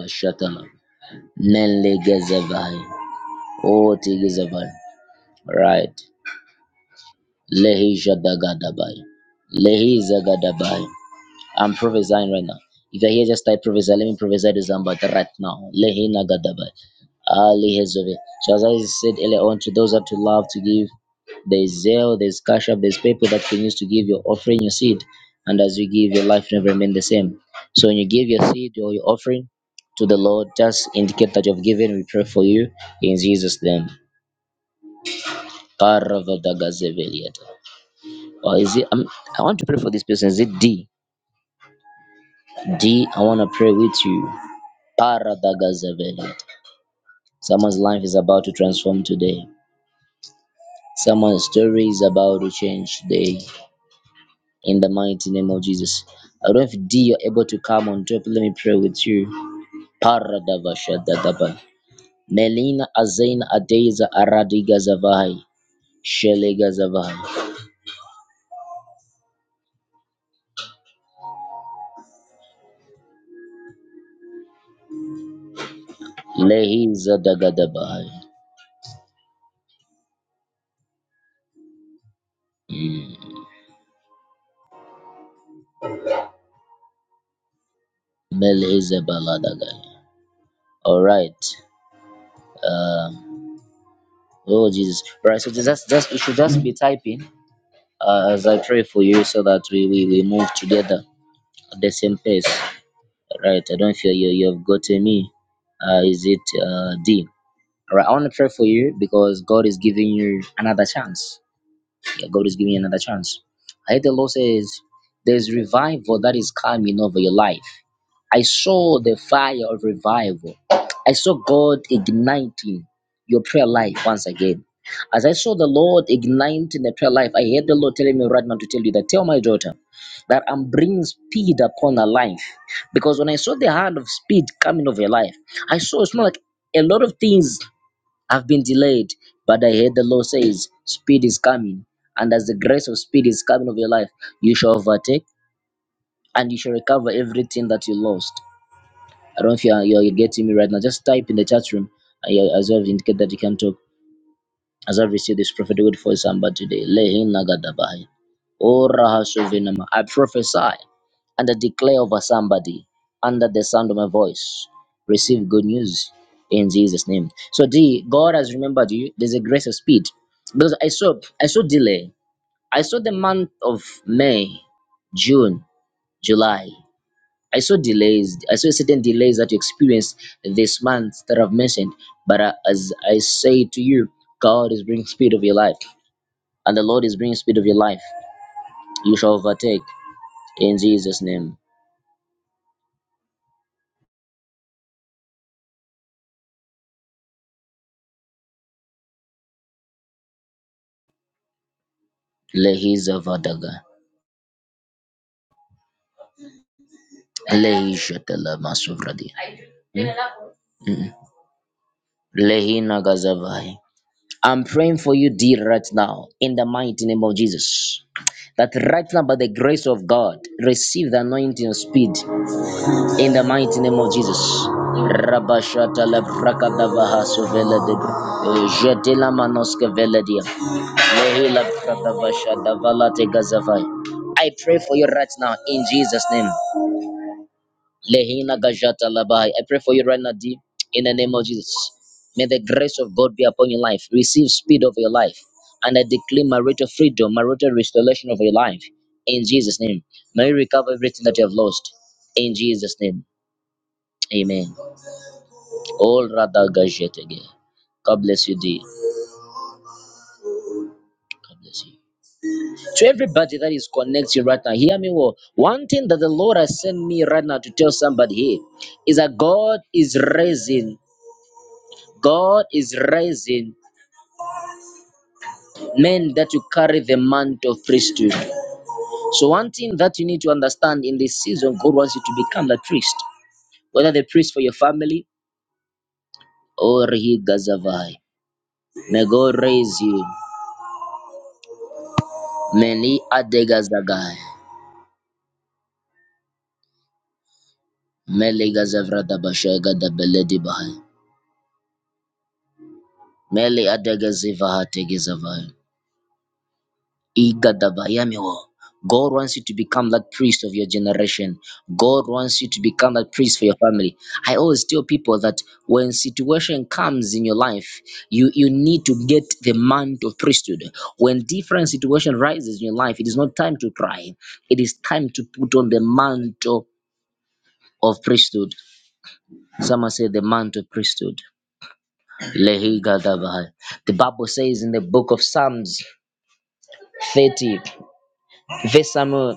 Speaker 1: Nelegezevai. Otigezevai. Right. Lehi Shadagadabai. Lehi Zagadabai. I'm prophesying right now. If you're here, just type prophesy. Let me prophesy to somebody right now. Lehina gadaba. Ali hezove. Ele on to those that you love to give. There's zeal, there's cash up, there's people that you can use to give your offering, your seed. And as you give, your life never remain the same. So when you give your seed or your offering to the Lord, just indicate that you've given. We pray for you in Jesus' name. Paravadagazeveliata. Or is it? I'm, I want to pray for this person. Is it D? D, I want to pray with you. Paradagazeveliata. Someone's life is about to transform today. Someone's story is about to change today. In the mighty name of Jesus. I don't know if D you're able to come on top. Let me pray with you. Paradavashadadaba. Melina Azaina Adeza Aradiga Zavai. Shelega Zavai. Lehiza Dagadabai. Mm. Meleza Baladagai. Alright. Um, oh Jesus. Right, so just just you should just be typing uh, as I pray for you so that we, we, we move together. At the same place. Right. I don't feel you you've gotten me. Uh, is it uh, D? All right. I want to pray for you because God is giving you another chance. Yeah, God is giving you another chance. I heard the Lord says there's revival that is coming over your life. I saw the fire of revival. I saw God igniting your prayer life once again. As I saw the Lord igniting the prayer life, I heard the Lord telling me right now to tell you that tell my daughter that I'm bringing speed upon her life. Because when I saw the hand of speed coming over her life, I saw it's more like a lot of things have been delayed, but I heard the Lord says speed is coming. And as the grace of speed is coming over your life, you shall overtake and you shall recover everything that you lost. I don't know if you're, you're, you're getting me right now. Just type in the chat room uh, yeah, as well indicate that you can talk. As I've received this prophetic word for somebody today. Lehin nagadabahai. O rahasuvinama. I prophesy and I declare over somebody under the sound of my voice. Receive good news in Jesus' name. So D, God has remembered you. There's a grace of speed. Because I saw I saw delay. I saw the month of May, June, July. I saw delays. I saw certain delays that you experienced this month that I've mentioned. But uh, as I say to you, God is bringing speed of your life, and the Lord is bringing speed of your life. You shall overtake in Jesus' name. Lehiza vadaga. Lehishatala masuvradi. Lehina gazavai. I'm praying for you, dear, right now, in the mighty name of Jesus. That right now, by the grace of God, receive the anointing of speed. In the mighty name of Jesus. Rabashata la brakadabaha suvela manoske veledia. Lehila brakadabashada valate gazavai. I pray for you right now in Jesus' name. Lehina gajata labai. I pray for you right now, D, in the name of Jesus. May the grace of God be upon your life. Receive speed of your life. And I declare marital freedom, marital restoration of your life. In Jesus' name. May you recover everything that you have lost. In Jesus' name. Amen. All Radha again. God bless you, dear. God bless you. To everybody that is connecting right now, hear me well. One thing that the Lord has sent me right now to tell somebody here is that God is raising. God is raising men that you carry the mantle of priesthood. So one thing that you need to understand in this season, God wants you to become the priest, whether the priest for your family or he gazavai. May God raise you. Many adegazagai. Meli gazevra da bashega da beledi bahai. Meli adegezivah tegezavai. Igadavayamiwo. God wants you to become that priest of your generation. God wants you to become that priest for your family. I always tell people that when situation comes in your life, you, you need to get the mantle of priesthood. When different situation rises in your life, it is not time to cry. It is time to put on the mantle of priesthood. Someone said the mantle of priesthood. Lehi Gadabahai. The Bible says in the book of Psalms 30, Verse Samuel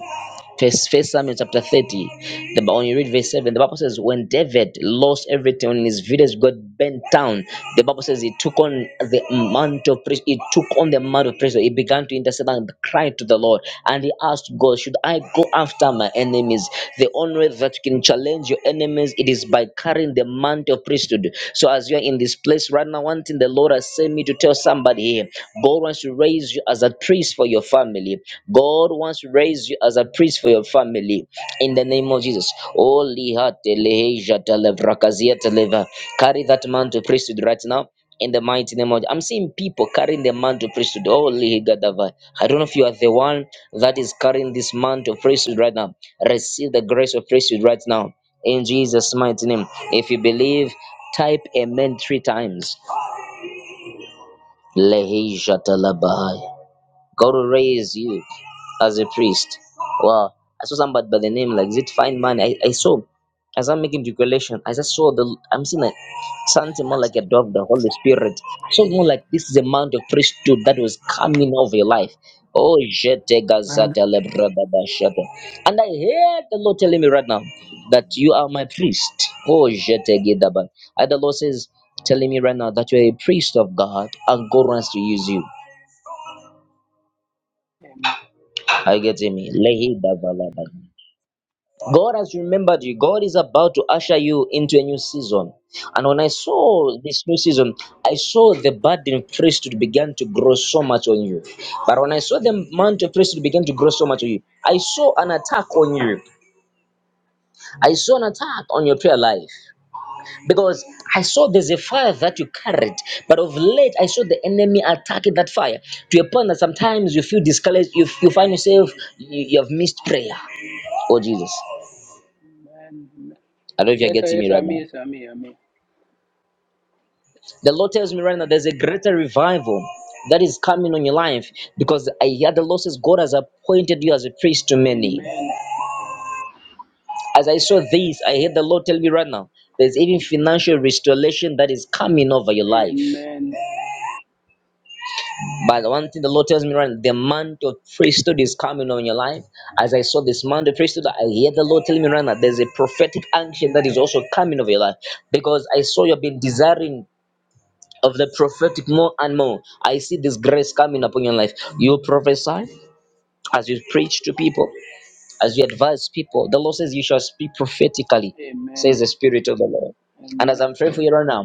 Speaker 1: First, First Samuel chapter 30, the, when you read verse 7, the Bible says, When David lost everything in his village got bent down, the Bible says he took on the mantle of priest, he took on the mantle of priest, he began to intercede and cry to the Lord. And he asked God, Should I go after my enemies? The only way that you can challenge your enemies, it is by carrying the mantle of priesthood. So as you're in this place right now, one thing the Lord has sent me to tell somebody here, God wants to raise you as a priest for your family. God wants to raise you as a priest for your family in the name of Jesus. Holy heart, eleheja, televrakazia, televa. Carry that man to priesthood right now. In the mighty name of I'm seeing people carrying the mantle of priesthood. Holy Gadava. I don't know if you are the one that is carrying this mantle of priesthood right now. Receive the grace of priesthood right now. In Jesus' mighty name. If you believe, type amen three times. Leheja Talabai. God will raise you as a priest. Wow. I saw somebody by the name like is it fine man. I, I saw as I'm making declaration, I just saw the I'm seeing like something more like a dog, the Holy Spirit. So more like this is the amount of priesthood that was coming over your life. Oh jete
Speaker 9: Amen.
Speaker 1: gazata lebrada bashata. And I hear the Lord telling me right now that you are my priest. Oh jete gidaba. And the Lord says telling me right now that you're a priest of God and God wants to use you.
Speaker 9: Amen.
Speaker 1: Are you getting me? Lehi davalabani. God has remembered you. God is about to usher you into a new season. And when I saw this new season, I saw the burden of priesthood began to grow so much on you. But when I saw the amount of priesthood began to grow so much on you, I saw an attack on you. I saw an attack on your prayer life because I saw there's a fire that you carried. But of late, I saw the enemy attacking that fire to a point that sometimes you feel discouraged. You, you find yourself, you, you have missed prayer. Oh, Jesus. I don't know if you're
Speaker 9: Yes, sir.
Speaker 1: getting
Speaker 9: Yes,
Speaker 1: me
Speaker 9: sir.
Speaker 1: right
Speaker 9: Me,
Speaker 1: now.
Speaker 9: yes, sir. Me, me.
Speaker 1: The Lord tells me right now there's a greater revival that is coming on your life because I hear the Lord says God has appointed you as a priest to many.
Speaker 9: Amen.
Speaker 1: As I saw this, I heard the Lord tell me right now there's even financial restoration that is coming over your life.
Speaker 9: Amen.
Speaker 1: But the one thing the Lord tells me right now, the mantle of priesthood is coming on your life. As I saw this mantle of priesthood, I hear the Lord telling me right now, there's a prophetic unction that is also coming over your life because I saw you've been desiring of the prophetic more and more. I see this grace coming upon your life. You prophesy as you preach to people, as you advise people, the Lord says you shall speak prophetically,
Speaker 9: Amen.
Speaker 1: says the Spirit of the Lord. And as
Speaker 9: Amen.
Speaker 1: I'm praying for you right now,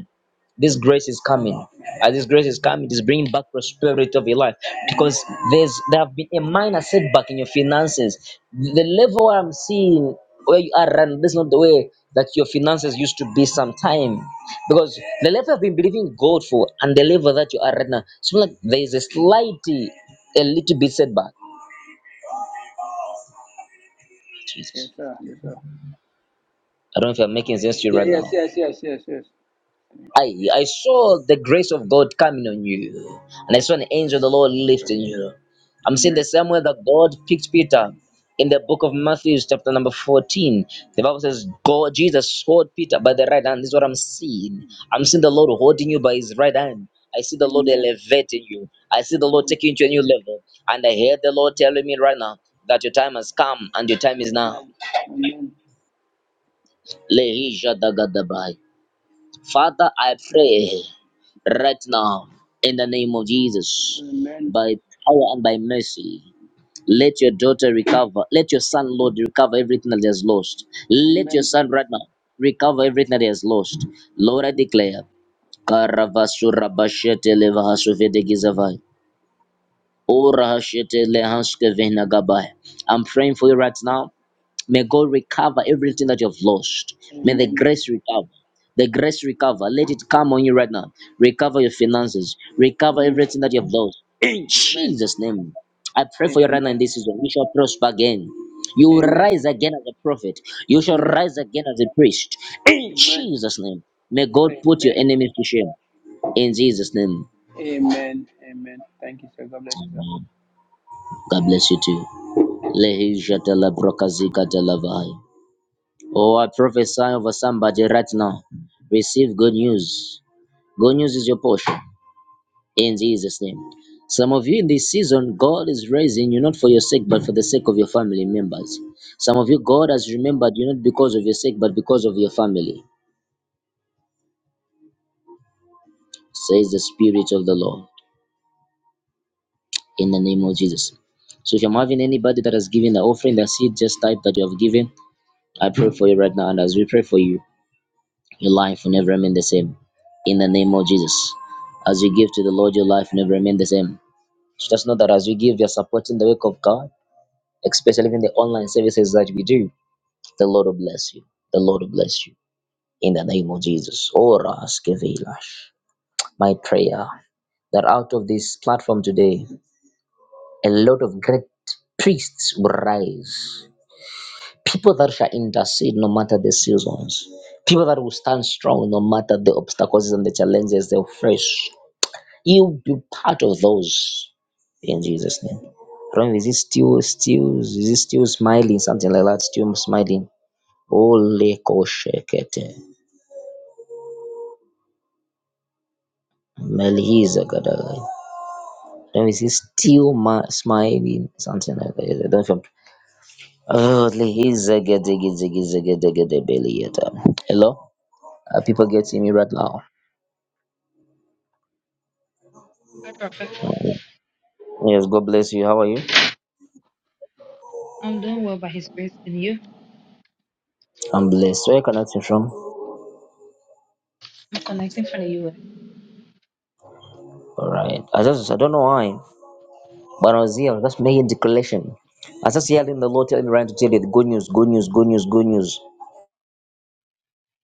Speaker 1: this grace is coming. As this grace is coming, it is bringing back prosperity of your life because
Speaker 9: Amen.
Speaker 1: there's there have been a minor setback in your finances. The level I'm seeing where you are right now, that's not the way that your finances used to be sometime. Because the level I've been believing God for and the level that you are right now, it's more like there is a slight, a little bit setback.
Speaker 9: Yes,
Speaker 1: Jesus.
Speaker 9: sir. Yes, sir.
Speaker 1: I don't know if I'm making sense to you
Speaker 9: Yeah,
Speaker 1: right now.
Speaker 9: yes, yes, yes, yes, yes.
Speaker 1: I, I saw the grace of God coming on you, and I saw an angel of the Lord lifting you. I'm seeing
Speaker 9: Amen.
Speaker 1: the same way that God picked Peter in the book of Matthew, chapter number 14. The Bible says, God, Jesus hold Peter by the right hand. This is what I'm seeing. I'm seeing the Lord holding you by his right hand. I see the Lord
Speaker 9: Amen.
Speaker 1: elevating you. I see the Lord
Speaker 9: Amen.
Speaker 1: taking you to a new level. And I hear the Lord telling me right now that your time has come and your time is now.
Speaker 9: Amen. Amen.
Speaker 1: Lehi Jadagadabai. Father, I pray. right now in the name of Jesus,
Speaker 9: Amen.
Speaker 1: by power and by mercy. Let your daughter recover. Let your son, Lord, recover everything that he has lost. Let your
Speaker 9: Amen.
Speaker 1: son right now recover everything that he has lost. Lord, I declare. Karavasura bashete levahasuvede gizavai. Ora hashete lehanske vena I'm praying for you right now May God recover everything that you have lost.
Speaker 9: Amen. Amen.
Speaker 1: May the grace recover. The grace recover. Let it come on you right now. Recover your finances. Recover
Speaker 9: Amen.
Speaker 1: everything that you have lost. In
Speaker 9: Amen.
Speaker 1: Jesus' name. I pray for you right now in this season. You shall prosper again. You will
Speaker 9: Amen.
Speaker 1: rise again as a prophet. You shall
Speaker 9: Amen.
Speaker 1: rise again as a priest. In
Speaker 9: Amen.
Speaker 1: Jesus' name. May God put your enemies to shame. In Jesus' name
Speaker 9: Amen. Amen. Amen. Thank you, sir. God bless you, sir.
Speaker 1: too. Lekatalabahai. Oh, I prophesy over somebody right now. Receive good news. Good news is your portion. in Jesus' name. Some of you in this season, God is raising you not for your sake, but for the sake of your family members. Some of you, God has remembered you not because of your sake, but because of your family, says the Spirit of the Lord, in the name of Jesus. So if I'm having anybody that has given the offering, the seed, just type that you have given. I pray for you right now. And as we pray for you, your life will never remain the same, in the name of Jesus. As you give to the Lord, your life will never remain the same. Just know that as you give, you're supporting the work of God, especially in the online services that we do The Lord will bless you. The Lord will bless you in the name of Jesus. Ora askevelash. My prayer that out of this platform today, a lot of great priests will rise. People that shall intercede no matter the seasons. People that will stand strong no matter the obstacles and the challenges they'll face. You'll be part of those in Jesus' name. Ron, is it still still is it still smiling? Something like that, still smiling. Ole koshekete. Melissa got a Let me see. Still ma- smiling. Something like that. I don't remember. Oh, Lisa get the get get the get the get the belly yet. Hello? Are people getting me right now?
Speaker 10: Hi, Prophet.
Speaker 1: Mm. Yes, God bless you. How are you?
Speaker 10: I'm doing well by His grace and you.
Speaker 1: I'm blessed. Where are you connecting from?
Speaker 10: I'm connecting from the US.
Speaker 1: Alright. I just I don't know why. But when I was here, I was just making the collection. I was just yelling the Lord telling me right to tell you the good news, good news, good news, good news.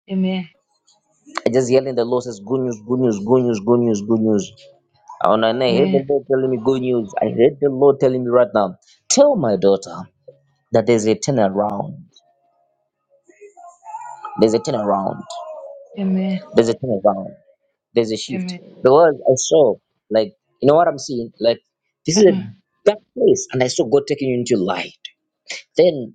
Speaker 10: Amen.
Speaker 1: I just yelling the Lord says good news, good news, good news, good news, good news. And I heard the
Speaker 10: Amen.
Speaker 1: Lord telling me good news. I heard the Lord telling me right now, tell my daughter that there's a turnaround. There's a turnaround.
Speaker 10: Amen.
Speaker 1: There's a turnaround. There's a shift.
Speaker 10: Amen.
Speaker 1: Because I saw, like, you know what I'm seeing? Like, this is a
Speaker 10: Uh-uh.
Speaker 1: dark place. And I saw God taking you into light. Then,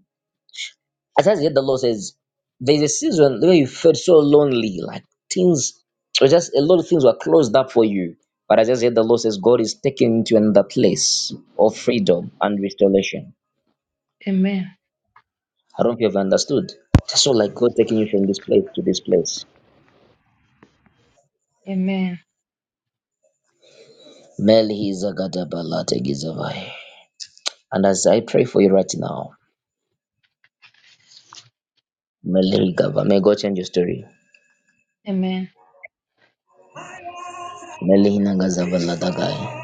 Speaker 1: as I heard the Lord says, there's a season where you felt so lonely. Like, things, it was just a lot of things were closed up for you. But as I just heard the Lord says, God is taking you into another place of freedom and restoration.
Speaker 10: Amen.
Speaker 1: I don't know if you've understood. It's not like God taking you from this place to this place.
Speaker 10: Amen.
Speaker 1: Meli And as I pray for you right now, Meli may God change your story.
Speaker 10: Amen.
Speaker 1: Meli Hinangazavala Dagai.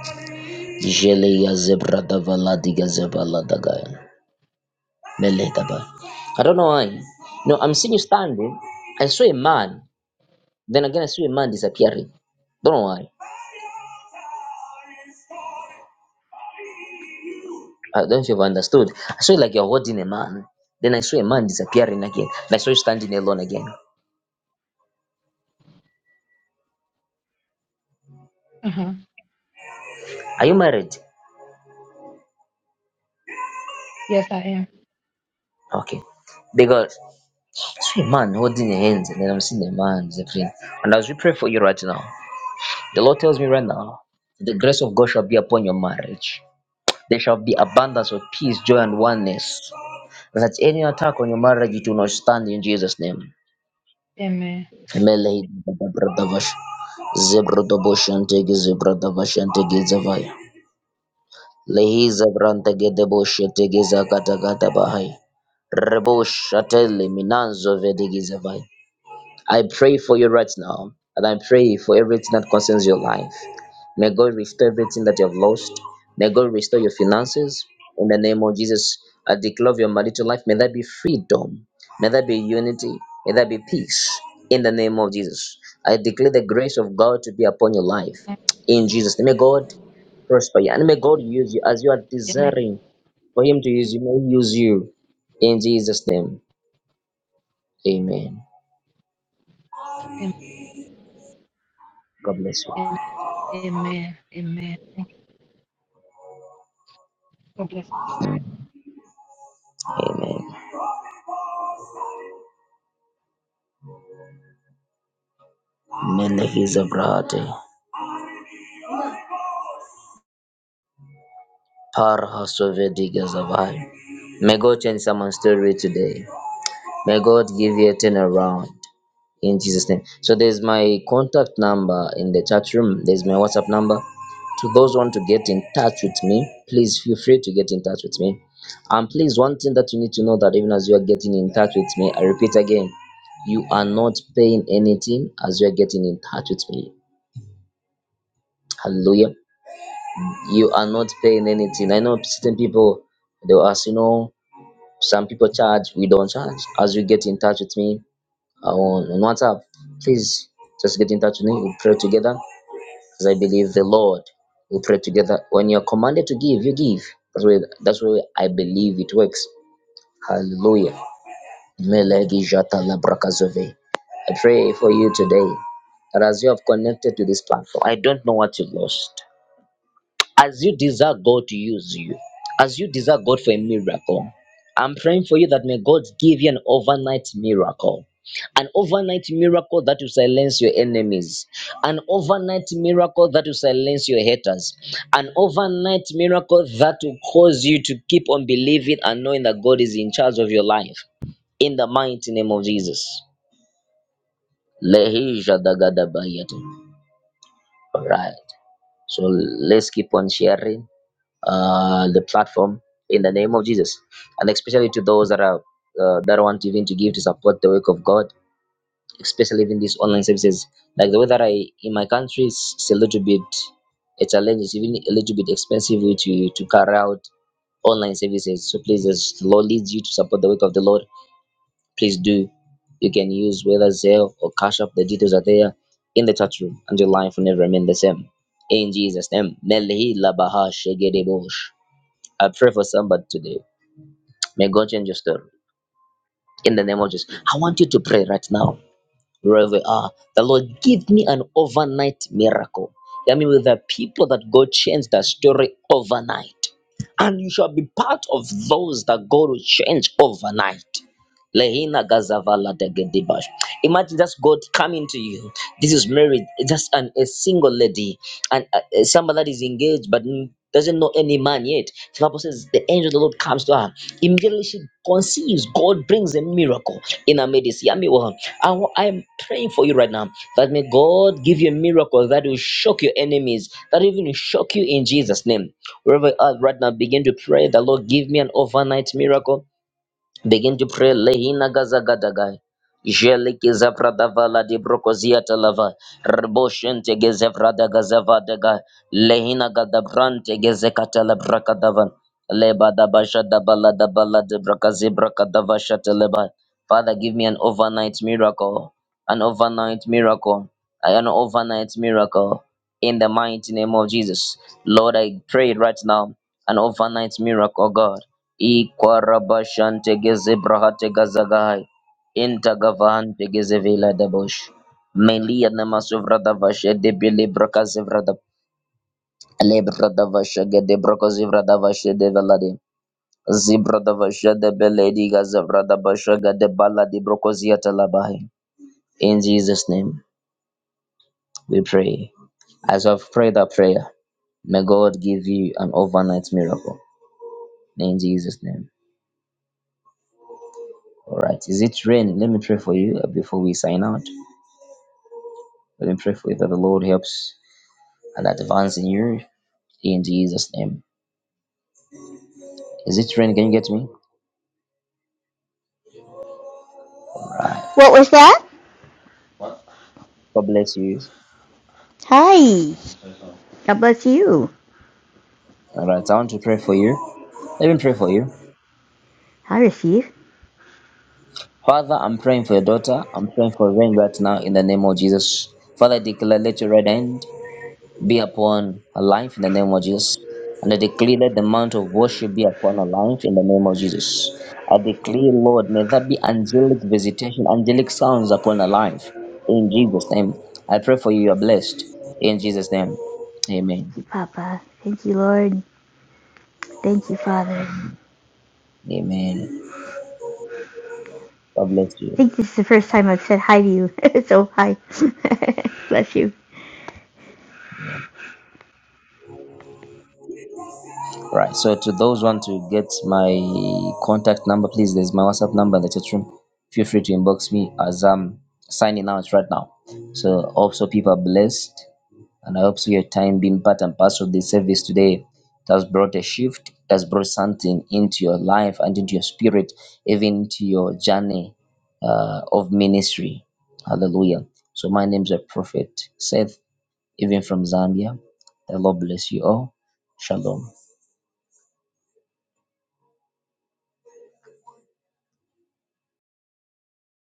Speaker 1: I don't know why. No, I'm seeing you standing. I saw a man. Then again, I saw a man disappearing. Don't know why. I don't know if you've understood. I saw it like you're holding a man. Then I saw a man disappearing again. And I saw you standing alone again.
Speaker 10: Uh huh.
Speaker 1: Are you married?
Speaker 10: Yes, I am.
Speaker 1: Okay. Because see a man holding your hands, and then I'm seeing a man is a friend. And as we pray for you right now, the Lord tells me right now, the grace of God shall be upon your marriage. There shall be abundance of peace, joy, and oneness. That any attack on your marriage it will not stand in Jesus' name.
Speaker 10: Amen.
Speaker 1: Melei dabradavash, zebrodoboshiantege, zebrodavashiantege, hizabrantege, deboshetege, zakatagataba hai. Reboshatele, minanzo, I pray for you right now, and I pray for everything that concerns your life. May God restore everything that you have lost. May God restore your finances. In the name of Jesus, I declare of your marital life. May there be freedom. May there be unity. May there be peace. In the name of Jesus, I declare the grace of God to be upon your life. In Jesus' name, may God prosper you, and may God use you as you are
Speaker 10: Amen.
Speaker 1: desiring for Him to use you. May He use you. In Jesus' name, Amen.
Speaker 10: Amen.
Speaker 1: God bless you.
Speaker 10: Amen. Amen. Amen. Thank you. God bless.
Speaker 1: Amen. Mainly he's a variety. Par Hasovediga Zavai. May God change someone's story today. May God give you a turnaround in Jesus' name. So there's my contact number in the chat room. There's my WhatsApp number. To those who want to get in touch with me, please feel free to get in touch with me. And please, one thing that you need to know that even as you are getting in touch with me, I repeat again, you are not paying anything as you are getting in touch with me. Hallelujah. you are not paying anything. I know certain people they'll ask, you know, some people charge, we don't charge. As you get in touch with me uh, on, on WhatsApp, please just get in touch with me. We'll pray together. Because I believe the Lord will pray together. When you're commanded to give, you give. That's where that's where I believe it works. Hallelujah. Melegi jata labrakazove. I pray for you today that as you have connected to this platform, I don't know what you've lost. as you desire God to use you, as you desire God for a miracle, I'm praying for you that may God give you an overnight miracle. An overnight miracle that will silence your enemies. An overnight miracle that will silence your haters. An overnight miracle that will cause you to keep on believing and knowing that God is in charge of your life. In the mighty name of Jesus. Lehi jadagadabayate. Alright. So let's keep on sharing uh, the platform in the name of Jesus, and especially to those that are uh, that want even to give to support the work of God, especially in these online services. Like the way that I in my country is a little bit a challenge, it's even a little bit expensive to to carry out online services. So please, as the Lord leads you to support the work of the Lord, please do. You can use whether Zelle or Cash App. The details are there in the chat room, and your life will never remain the same. In Jesus' name. Melhi labaha shegedebo I pray for somebody today. May God change your story. In the name of Jesus. I want you to pray right now, wherever you are. The Lord, give me an overnight miracle. I mean, with the people that God changed their story overnight. And you shall be part of those that God will change overnight. Lehina gazavala degedibash. Imagine that's God coming to you. This is married, just an, a single lady, and uh, uh, somebody that is engaged but n- doesn't know any man yet. The Bible says the angel of the Lord comes to her. Immediately she conceives. God brings a miracle in her midst. Yami wa- I wa- I'm praying for you right now that may God give you a miracle that will shock your enemies, that even will shock you in Jesus' name. Wherever you are right now, begin to pray. The Lord give me an overnight miracle Begin to pray Lehina Gazagadagai. Jeliki zapradavala di brokozia talava. Rboshente gezevrada gazavadaga. Lehina gadabrante gezekatala brakadavan. Leba da basha da bala da bala de brakazi brakadava shateleba. Father, give me an overnight miracle. An overnight miracle. I an overnight miracle. In the mighty name of Jesus. Lord, I pray right now. An overnight miracle, God Ikwarabashantegezebrakatekazagai. Intagavahantegezeveladebush. Melianamasuvradavashedebilebrakazevradab. Lebradavashagedebrokozivradavashedevelade. Zibradavashadebeledigazevradabashagadebaladibrokosiatalabahi. In Jesus' name we pray. As I've prayed that prayer, may God give you an overnight miracle. In Jesus' name. All right. Is it raining? Let me pray for you uh, before we sign out. But then prayerfully that the Lord helps and advance in you in Jesus' name. Is it rain? Can you get me? Right.
Speaker 11: What was that? What?
Speaker 1: God bless you.
Speaker 11: Hi. God bless you.
Speaker 1: All right. I want to pray for you. Let me pray for you.
Speaker 11: I receive.
Speaker 1: Father, I'm praying for your daughter. I'm praying for rain right now in the name of Jesus. Father, I declare, let your right hand be upon her life in the name of Jesus. And I declare that the mount of worship be upon her life in the name of Jesus. I declare, Lord, may that be angelic visitation, angelic sounds upon her life in Jesus' name. I pray for you, you are blessed in Jesus' name.
Speaker 11: Thank
Speaker 1: Amen.
Speaker 11: you, Papa. Thank you, Lord. Thank you, Father.
Speaker 1: Amen. God bless
Speaker 11: I think
Speaker 1: you.
Speaker 11: this is the first time I've said hi to you. so hi. bless you.
Speaker 1: Amen. Right. So to those who want to get my contact number, please, there's my WhatsApp number in the chat room. Feel free to inbox me as I'm signing out right now. So also people are blessed And I hope so your time being part and parcel of the service today. It has brought a shift, it has brought something into your life and into your spirit, even into your journey uh, of ministry. Hallelujah. So my name is a prophet, Seth, even from Zambia. The Lord bless you all. Shalom.